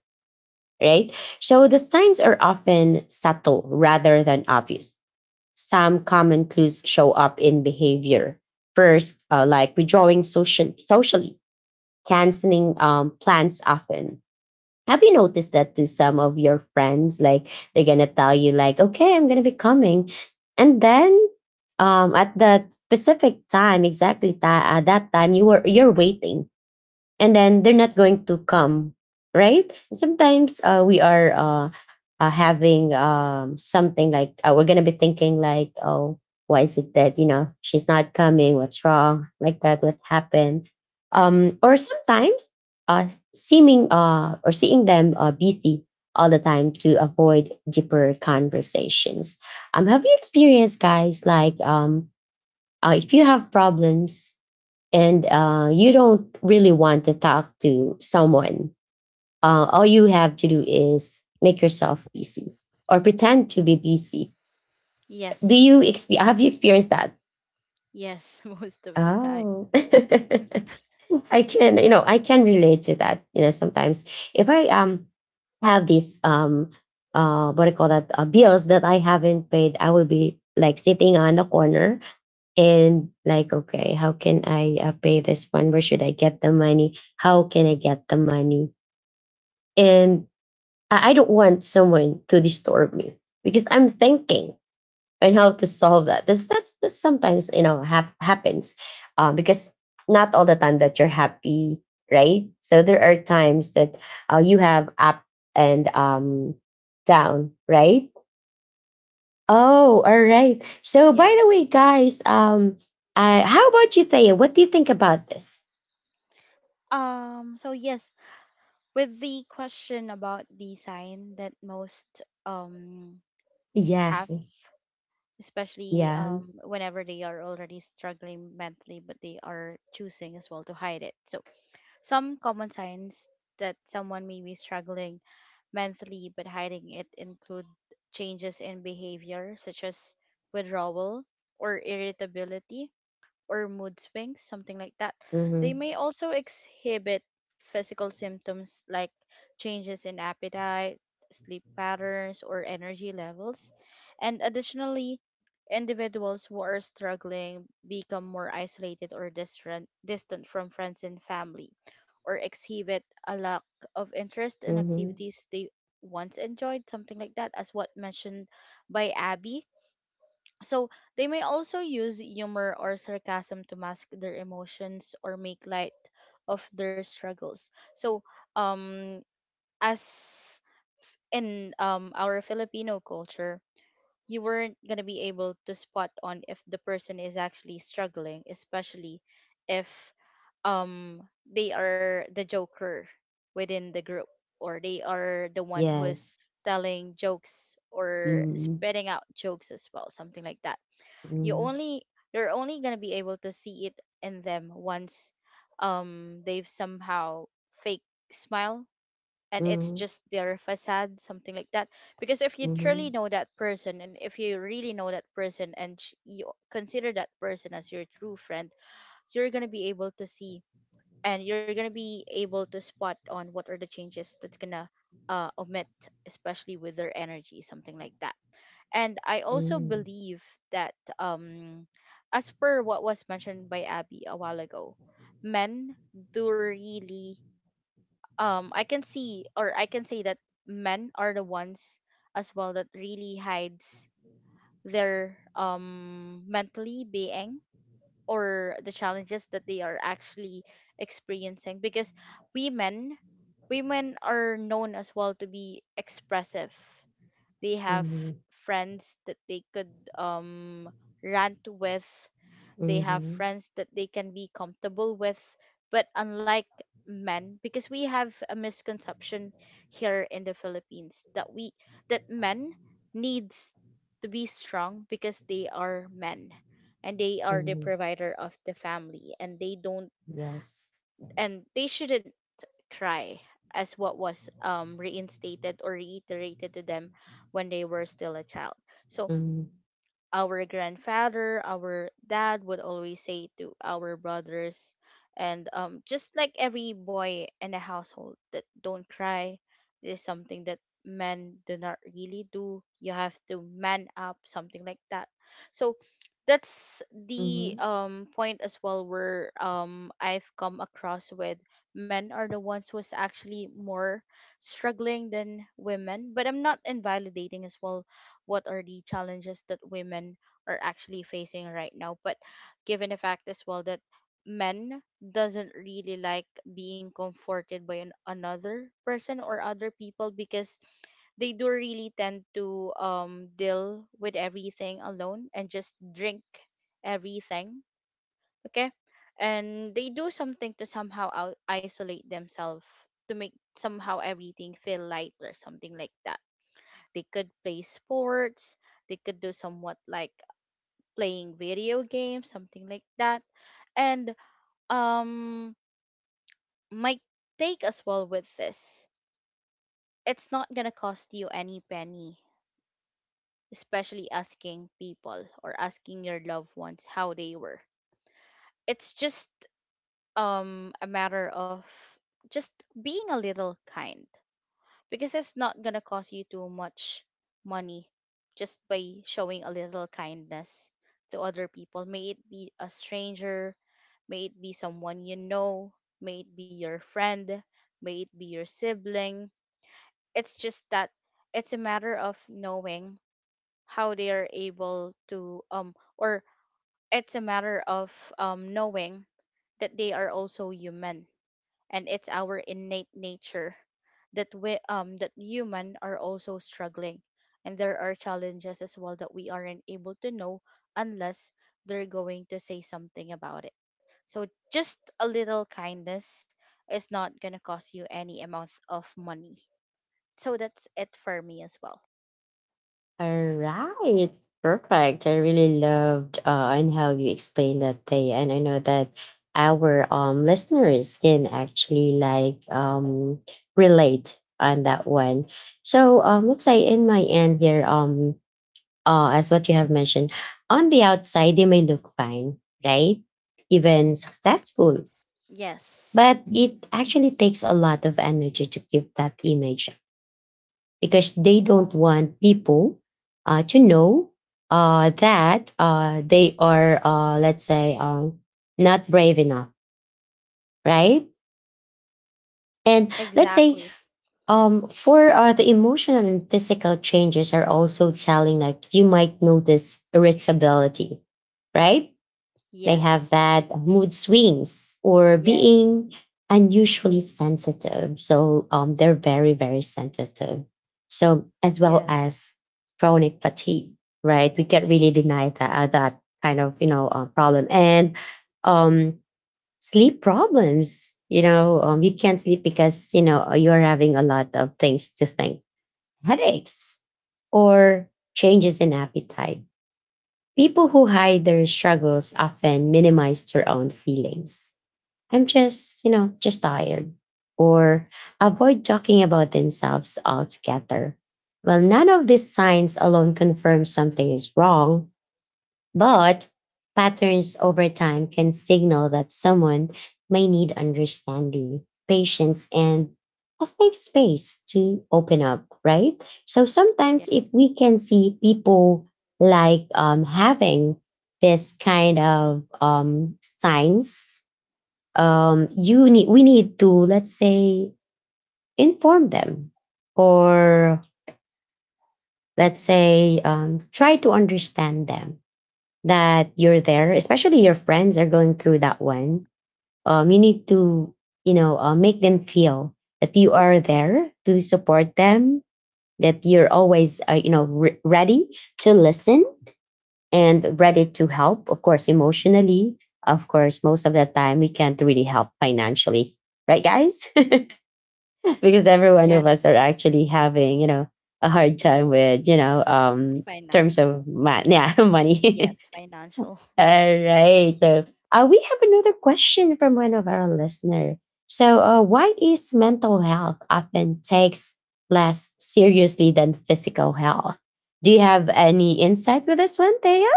[SPEAKER 1] right? So the signs are often subtle rather than obvious. Some common clues show up in behavior. First, like withdrawing socially, canceling plans often. Have you noticed that to some of your friends? Like, they're gonna tell you, like, okay, I'm gonna be coming. And then, at that specific time, exactly at that time, you were, you're waiting, and then they're not going to come, right? Sometimes we are having something like, we're gonna be thinking like, oh, why is it that, you know, she's not coming, what's wrong like that, what happened? Or sometimes uh, seeming or seeing them busy all the time to avoid deeper conversations. Have you experienced, guys, like, if you have problems and you don't really want to talk to someone, all you have to do is make yourself busy or pretend to be busy. Do you
[SPEAKER 2] Yes.
[SPEAKER 1] have you experienced that?
[SPEAKER 2] Yes, most of the time.
[SPEAKER 1] Oh, I can, you know, I can relate to that. You know, sometimes if I have these um, what do you call that, bills that I haven't paid, I will be like sitting on the corner and like, okay, how can I pay this one, where should I get the money, how can I get the money? And I don't want someone to disturb me because I'm thinking on how to solve that this that's sometimes, you know, happens, because not all the time that you're happy, right? So there are times that, you have up and down, right? Oh, all right. So, by the
[SPEAKER 2] Yes.
[SPEAKER 1] way, guys, how about you, Thea? What do you think about this?
[SPEAKER 2] So yes, with the question about the sign that most
[SPEAKER 1] Yes.
[SPEAKER 2] have, especially
[SPEAKER 1] Yeah.
[SPEAKER 2] whenever they are already struggling mentally, but they are choosing as well to hide it. So, some common signs that someone may be struggling mentally but hiding it include changes in behavior, such as withdrawal or irritability or mood swings, something like that. They
[SPEAKER 1] Mm-hmm.
[SPEAKER 2] may also exhibit physical symptoms like changes in appetite, sleep patterns, or energy levels. And additionally, individuals who are struggling become more isolated or distant, distant from friends and family, or exhibit a lack of interest in
[SPEAKER 1] Mm-hmm.
[SPEAKER 2] activities they once enjoyed, something like that, as what mentioned by Abby. So they may also use humor or sarcasm to mask their emotions or make light of their struggles. So um as in our Filipino culture, you weren't gonna be able to spot on if the person is actually struggling, especially if they are the joker within the group, or they are the one who is
[SPEAKER 1] Yes.
[SPEAKER 2] telling jokes or
[SPEAKER 1] Mm-hmm.
[SPEAKER 2] spitting out jokes as well, something like that. You
[SPEAKER 1] Mm-hmm.
[SPEAKER 2] only, you're only gonna be able to see it in them once they've somehow fake smile, and it's just their facade, something like that, because if you truly
[SPEAKER 1] Mm-hmm.
[SPEAKER 2] know that person, and if you really know that person, and you consider that person as your true friend, you're gonna be able to see, and you're gonna be able to spot on what are the changes that's gonna omit, especially with their energy, something like that. And I also
[SPEAKER 1] Mm-hmm.
[SPEAKER 2] believe that um as per what was mentioned by Abby a while ago, men do really I can see, or I can say that men are the ones as well that really hides their mentally being, or the challenges that they are actually experiencing, because women, women are known as well to be expressive. They have
[SPEAKER 1] Mm-hmm.
[SPEAKER 2] friends that they could um rant with, they
[SPEAKER 1] Mm-hmm.
[SPEAKER 2] have
[SPEAKER 1] Mm-hmm.
[SPEAKER 2] friends that they can be comfortable with, but unlike men, because we have a misconception here in the Philippines that we, that men needs to be strong because they are men, and they are the
[SPEAKER 1] Mm-hmm.
[SPEAKER 2] provider of the family, and they don't,
[SPEAKER 1] Yes.
[SPEAKER 2] and they shouldn't try, as what was reinstated or reiterated to them when they were still a child. So
[SPEAKER 1] Mm-hmm.
[SPEAKER 2] our grandfather, our dad would always say to our brothers, and just like every boy in the household, that don't cry. This is something that men do not really do. You have to man up, something like that. So that's the
[SPEAKER 1] Mm-hmm.
[SPEAKER 2] point as well where I've come across with, men are the ones who's actually more struggling than women, but I'm not invalidating as well what are the challenges that women are actually facing right now. But given the fact as well that men doesn't really like being comforted by another person or other people, because they do really tend to deal with everything alone and just drink everything, okay, and they do something to somehow isolate themselves to make somehow everything feel light, or something like that. They could play sports, they could do somewhat like playing video games, something like that. And um my take as well with this, it's not gonna cost you any penny, especially asking people or asking your loved ones how they were. It's just a matter of just being a little kind, because it's not going to cost you too much money, just by showing a little kindness to other people, may it be a stranger, may it be someone you know, may it be your friend, may it be your sibling. It's just that it's a matter of knowing how they are able to or it's a matter of knowing that they are also human, and it's our innate nature that we that human are also struggling, and there are challenges as well that we aren't able to know unless they're going to say something about it. So just a little kindness is not going to cost you any amount of money. So that's it for me as well.
[SPEAKER 1] All right. Perfect. I really loved and how you explained that day. And I know that our listeners can actually like relate on that one. So let's say in my end here, as what you have mentioned, on the outside they may look fine, right? Even successful.
[SPEAKER 2] Yes.
[SPEAKER 1] But it actually takes a lot of energy to keep that image because they don't want people to know that they are, let's say, not brave enough, right? And let's say,
[SPEAKER 2] Exactly.
[SPEAKER 1] for the emotional and physical changes are also telling, like you might notice irritability, right? They have
[SPEAKER 2] Yes.
[SPEAKER 1] that mood swings or
[SPEAKER 2] Yes.
[SPEAKER 1] being unusually sensitive. So they're very, very sensitive. So as well
[SPEAKER 2] Yes.
[SPEAKER 1] as chronic fatigue, right? We can't really deny that that kind of, you know, problem. And um, sleep problems. You know, you can't sleep because, you know, you're having a lot of things to think, headaches, or changes in appetite. People who hide their struggles often minimize their own feelings. I'm just, you know, just tired. Or avoid talking about themselves altogether. Well, none of these signs alone confirm something is wrong, but patterns over time can signal that someone may need understanding, patience, and a safe space to open up, right? So sometimes if
[SPEAKER 2] Yes.
[SPEAKER 1] we can see people like, having this kind of signs, you need, we need to, let's say, inform them or, let's say, try to understand them, that you're there, especially your friends are going through that one, you need to, you know, make them feel that you are there to support them, that you're always, you know, ready to listen and ready to help, of course, emotionally. Of course, most of the time we can't really help financially, right, guys? Because every one of us
[SPEAKER 2] Yes.
[SPEAKER 1] are actually having, you know, a hard time with, you know,
[SPEAKER 2] Fine.
[SPEAKER 1] terms of yeah, money.
[SPEAKER 2] Yes, financial.
[SPEAKER 1] All right. So we have another question from one of our listener. So why is mental health often takes less seriously than physical health? Do you have any insight with this one, Thea?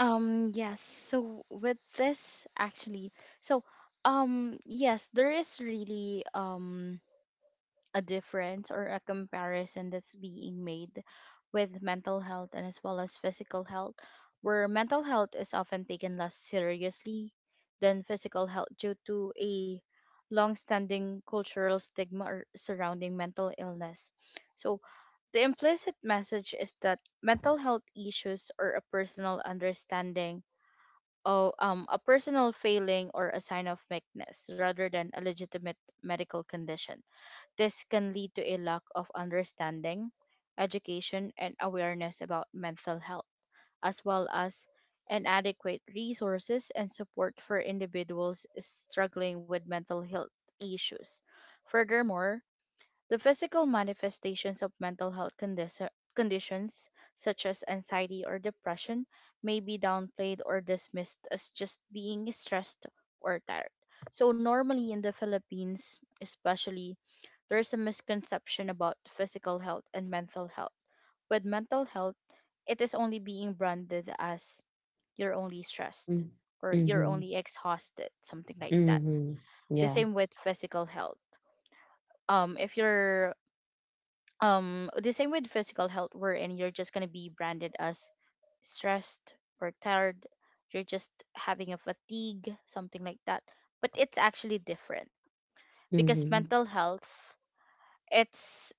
[SPEAKER 2] Yes. So with this actually, so yes, there is really a difference or a comparison that's being made with mental health and as well as physical health, where mental health is often taken less seriously than physical health due to a long-standing cultural stigma surrounding mental illness. So, the implicit message is that mental health issues are a personal understanding, or a personal failing or a sign of weakness, rather than a legitimate medical condition. This can lead to a lack of understanding, education, and awareness about mental health, as well as inadequate resources and support for individuals struggling with mental health issues. Furthermore, the physical manifestations of mental health conditions, such as anxiety or depression, may be downplayed or dismissed as just being stressed or tired. So, normally in the Philippines, especially, there is a misconception about physical health and mental health. With mental health, it is only being branded as you're only stressed or you're
[SPEAKER 1] Mm-hmm.
[SPEAKER 2] only exhausted, something like that.
[SPEAKER 1] Mm-hmm.
[SPEAKER 2] The
[SPEAKER 1] Yeah.
[SPEAKER 2] same with physical health. If you're the same with physical health, wherein you're just going to be branded as stressed or tired, you're just having a fatigue, something like that. But it's actually different, because
[SPEAKER 1] Mm-hmm.
[SPEAKER 2] mental health, it's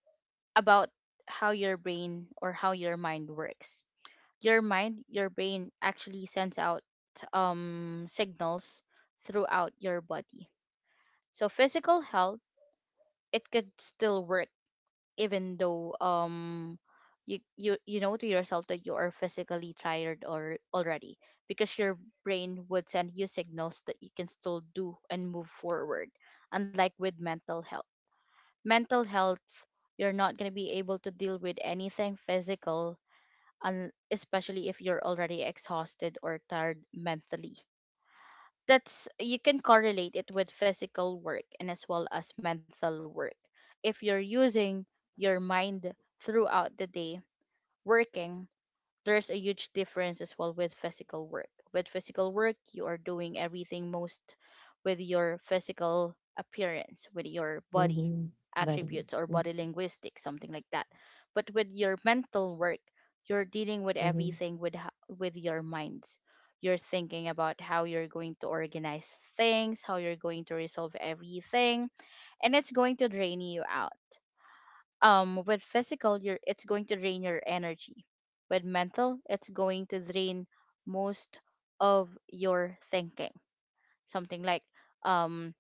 [SPEAKER 2] about how your brain or how your mind works. Your mind, your brain actually sends out signals throughout your body. So physical health, it could still work, even though you know to yourself that you are physically tired or already, because your brain would send you signals that you can still do and move forward. Unlike with mental health, mental health, you're not going to be able to deal with anything physical, and especially if you're already exhausted or tired mentally. That's, you can correlate it with physical work and as well as mental work. If you're using your mind throughout the day working, there's a huge difference as well with physical work. With physical work, you are doing everything most with your physical appearance, with your body
[SPEAKER 1] Mm-hmm. But
[SPEAKER 2] attributes or
[SPEAKER 1] mm-hmm.
[SPEAKER 2] body linguistics, something like that. But with your mental work, you're dealing with
[SPEAKER 1] Mm-hmm.
[SPEAKER 2] everything with with your minds. You're thinking about how you're going to organize things, how you're going to resolve everything, and it's going to drain you out. With physical, you're it's going to drain your energy. With mental, it's going to drain most of your thinking, something like um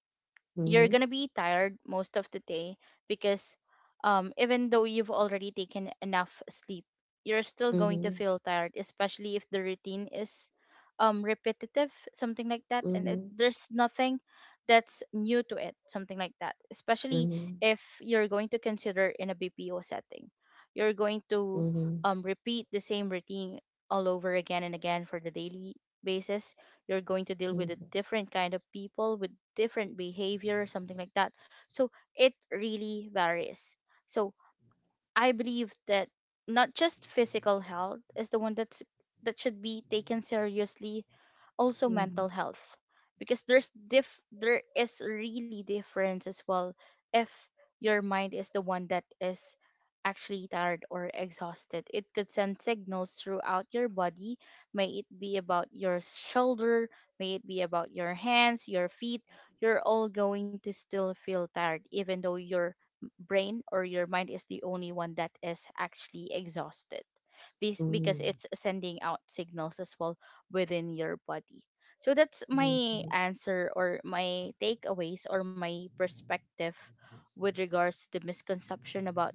[SPEAKER 2] you're
[SPEAKER 1] Mm-hmm.
[SPEAKER 2] gonna be tired most of the day, because even though you've already taken enough sleep, you're still going to
[SPEAKER 1] Mm-hmm.
[SPEAKER 2] feel tired, especially if the routine is repetitive, something like that, and it,
[SPEAKER 1] Mm-hmm.
[SPEAKER 2] there's nothing that's new to it, something like that. Especially
[SPEAKER 1] Mm-hmm.
[SPEAKER 2] if you're going to consider in a BPO setting, you're going to
[SPEAKER 1] Mm-hmm.
[SPEAKER 2] repeat the same routine all over again and again for the daily basis. You're going to deal with a different kind of people with different behavior, something like that. So it really varies. So I believe that not just physical health is the one that should be taken seriously, also mental health, because there's diff there is really difference as well. If your mind is the one that is actually tired or exhausted, it could send signals throughout your body, may it be about your shoulder, may it be about your hands, your feet, you're all going to still feel tired, even though your brain or your mind is the only one that is actually exhausted. Because it's sending out signals as well within your body. So that's my
[SPEAKER 1] Mm-hmm.
[SPEAKER 2] answer or my takeaways or my perspective with regards to the misconception about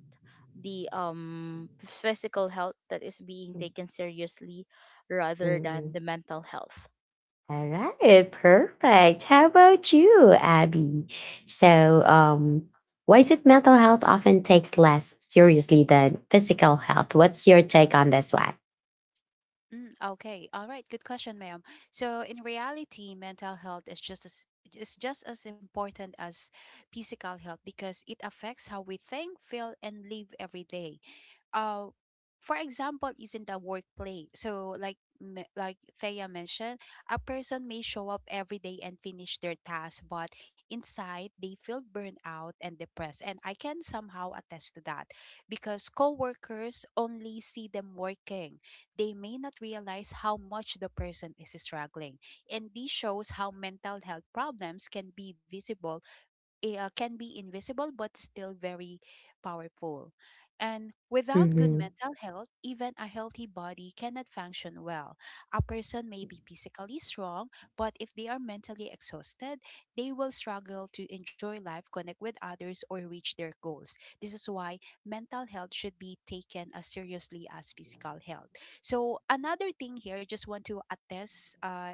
[SPEAKER 2] the physical health that is being taken seriously rather
[SPEAKER 1] Mm-hmm.
[SPEAKER 2] than the mental health.
[SPEAKER 1] All right, perfect. How about you, Abby? So, why is it mental health often takes less seriously than physical health? What's your take on this one?
[SPEAKER 3] Mm, okay, all right, good question, ma'am. So in reality, mental health is just as, is just as important as physical health, because it affects how we think, feel, and live every day. uh for example, is in the workplace, so like like Thea mentioned, a person may show up every day and finish their task, but inside they feel burned out and depressed, and I can somehow attest to that, because coworkers only see them working, they may not realize how much the person is struggling. And this shows how mental health problems can be visible, can be invisible, but still very powerful. And without good
[SPEAKER 1] Mm-hmm.
[SPEAKER 3] mental health, even a healthy body cannot function well. A person may be physically strong, but if they are mentally exhausted, they will struggle to enjoy life, connect with others, or reach their goals. This is why mental health should be taken as seriously as physical health. So, another thing here, just want to attest,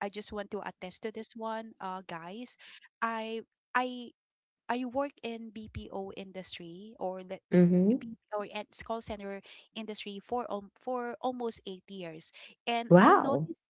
[SPEAKER 3] I just want to attest to this one, guys. I I I work in BPO industry, or the
[SPEAKER 1] Mm-hmm.
[SPEAKER 3] BPO and call center industry for almost 8 years, and I
[SPEAKER 1] Wow.
[SPEAKER 3] noticed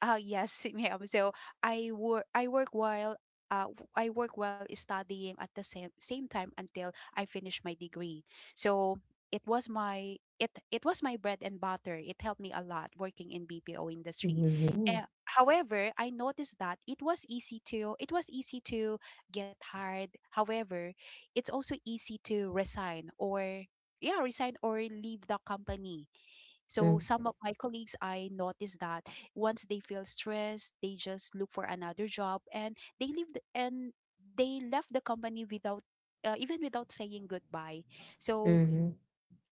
[SPEAKER 3] yes, ma'am. So I work while I work while studying at the same time until I finish my degree. So it was my, it was my bread and butter. It helped me a lot working in BPO industry.
[SPEAKER 1] Mm-hmm.
[SPEAKER 3] Uh, however, I noticed that it was easy to get hired. However, it's also easy to resign, or yeah, resign or leave the company. So
[SPEAKER 1] Mm-hmm.
[SPEAKER 3] some of my colleagues, I noticed that once they feel stressed, they just look for another job, and they left the company without, even without saying goodbye. So
[SPEAKER 1] Mm-hmm.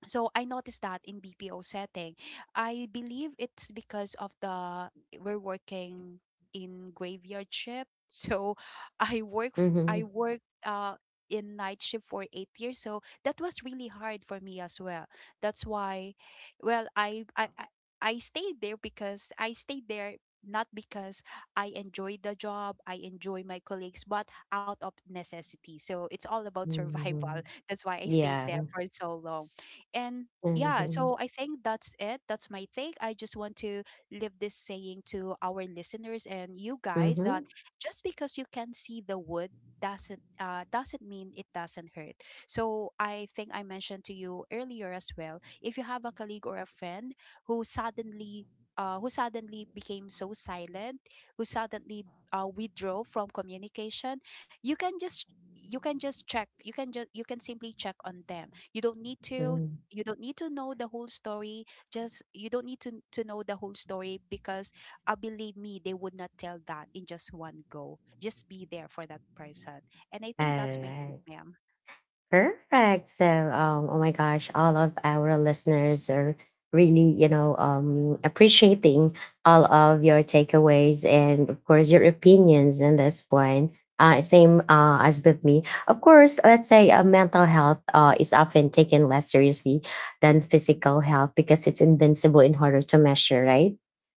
[SPEAKER 3] I noticed that in BPO setting. I believe it's because of the, we're working in graveyard shift. So I
[SPEAKER 1] Mm-hmm.
[SPEAKER 3] work in night shift for 8 years. So that was really hard for me as well. That's why, well, I stayed there, because I stayed there not because I enjoy the job, I enjoy my colleagues, but out of necessity. So it's all about survival.
[SPEAKER 1] Mm-hmm.
[SPEAKER 3] That's why I stayed
[SPEAKER 1] Yeah.
[SPEAKER 3] there for so long. And yeah,
[SPEAKER 1] Mm-hmm.
[SPEAKER 3] so I think that's it. That's my take. I just want to leave this saying to our listeners and you guys,
[SPEAKER 1] Mm-hmm.
[SPEAKER 3] that just because you can see the wood doesn't, doesn't mean it doesn't hurt. So I think I mentioned to you earlier as well, if you have a colleague or a friend who suddenly, who suddenly became so silent, who suddenly withdraw from communication, you can just, you can just check you can just, you can simply check on them. You don't need to,
[SPEAKER 1] 嗯，
[SPEAKER 3] you don't need to know the whole story, just, you don't need to, know the whole story, because, believe me, they would not tell that in just one go. Just be there for that person. And I
[SPEAKER 1] 哎
[SPEAKER 3] think that's my take,
[SPEAKER 1] 哎，
[SPEAKER 3] ma'am.
[SPEAKER 1] Perfect. So, oh my gosh, all of our listeners are really, you know, appreciating all of your takeaways and, of course, your opinions in this one. Same as with me. Of course, let's say mental health is often taken less seriously than physical health because it's invincible in order to measure, right?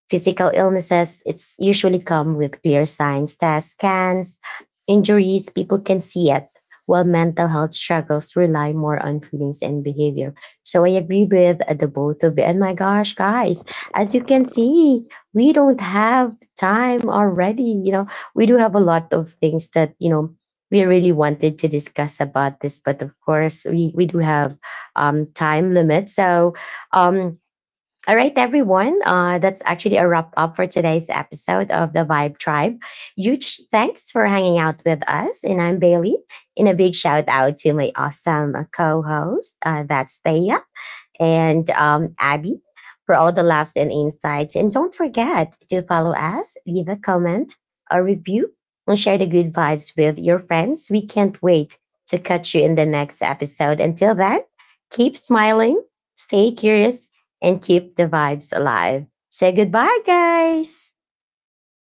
[SPEAKER 1] Physical illnesses, it's usually come with clear signs, tests, scans, injuries, people can see it, while mental health struggles rely more on feelings and behavior. So I agree with the both of you. And my gosh, guys, as you can see, we don't have time already. You know, we do have a lot of things that, you know, we really wanted to discuss about this, but of course, we do have time limit. So, um, all right, everyone. That's actually a wrap up for today's episode of The Vibe Tribe. Huge thanks for hanging out with us. And I'm Bailey. And a big shout out to my awesome co host, that's Thea and Abby, for all the laughs and insights. And don't forget to follow us, leave a comment, a review, and share the good vibes with your friends. We can't wait to catch you in the next episode. Until then, keep smiling, stay curious, and keep the vibes alive. Say goodbye, guys.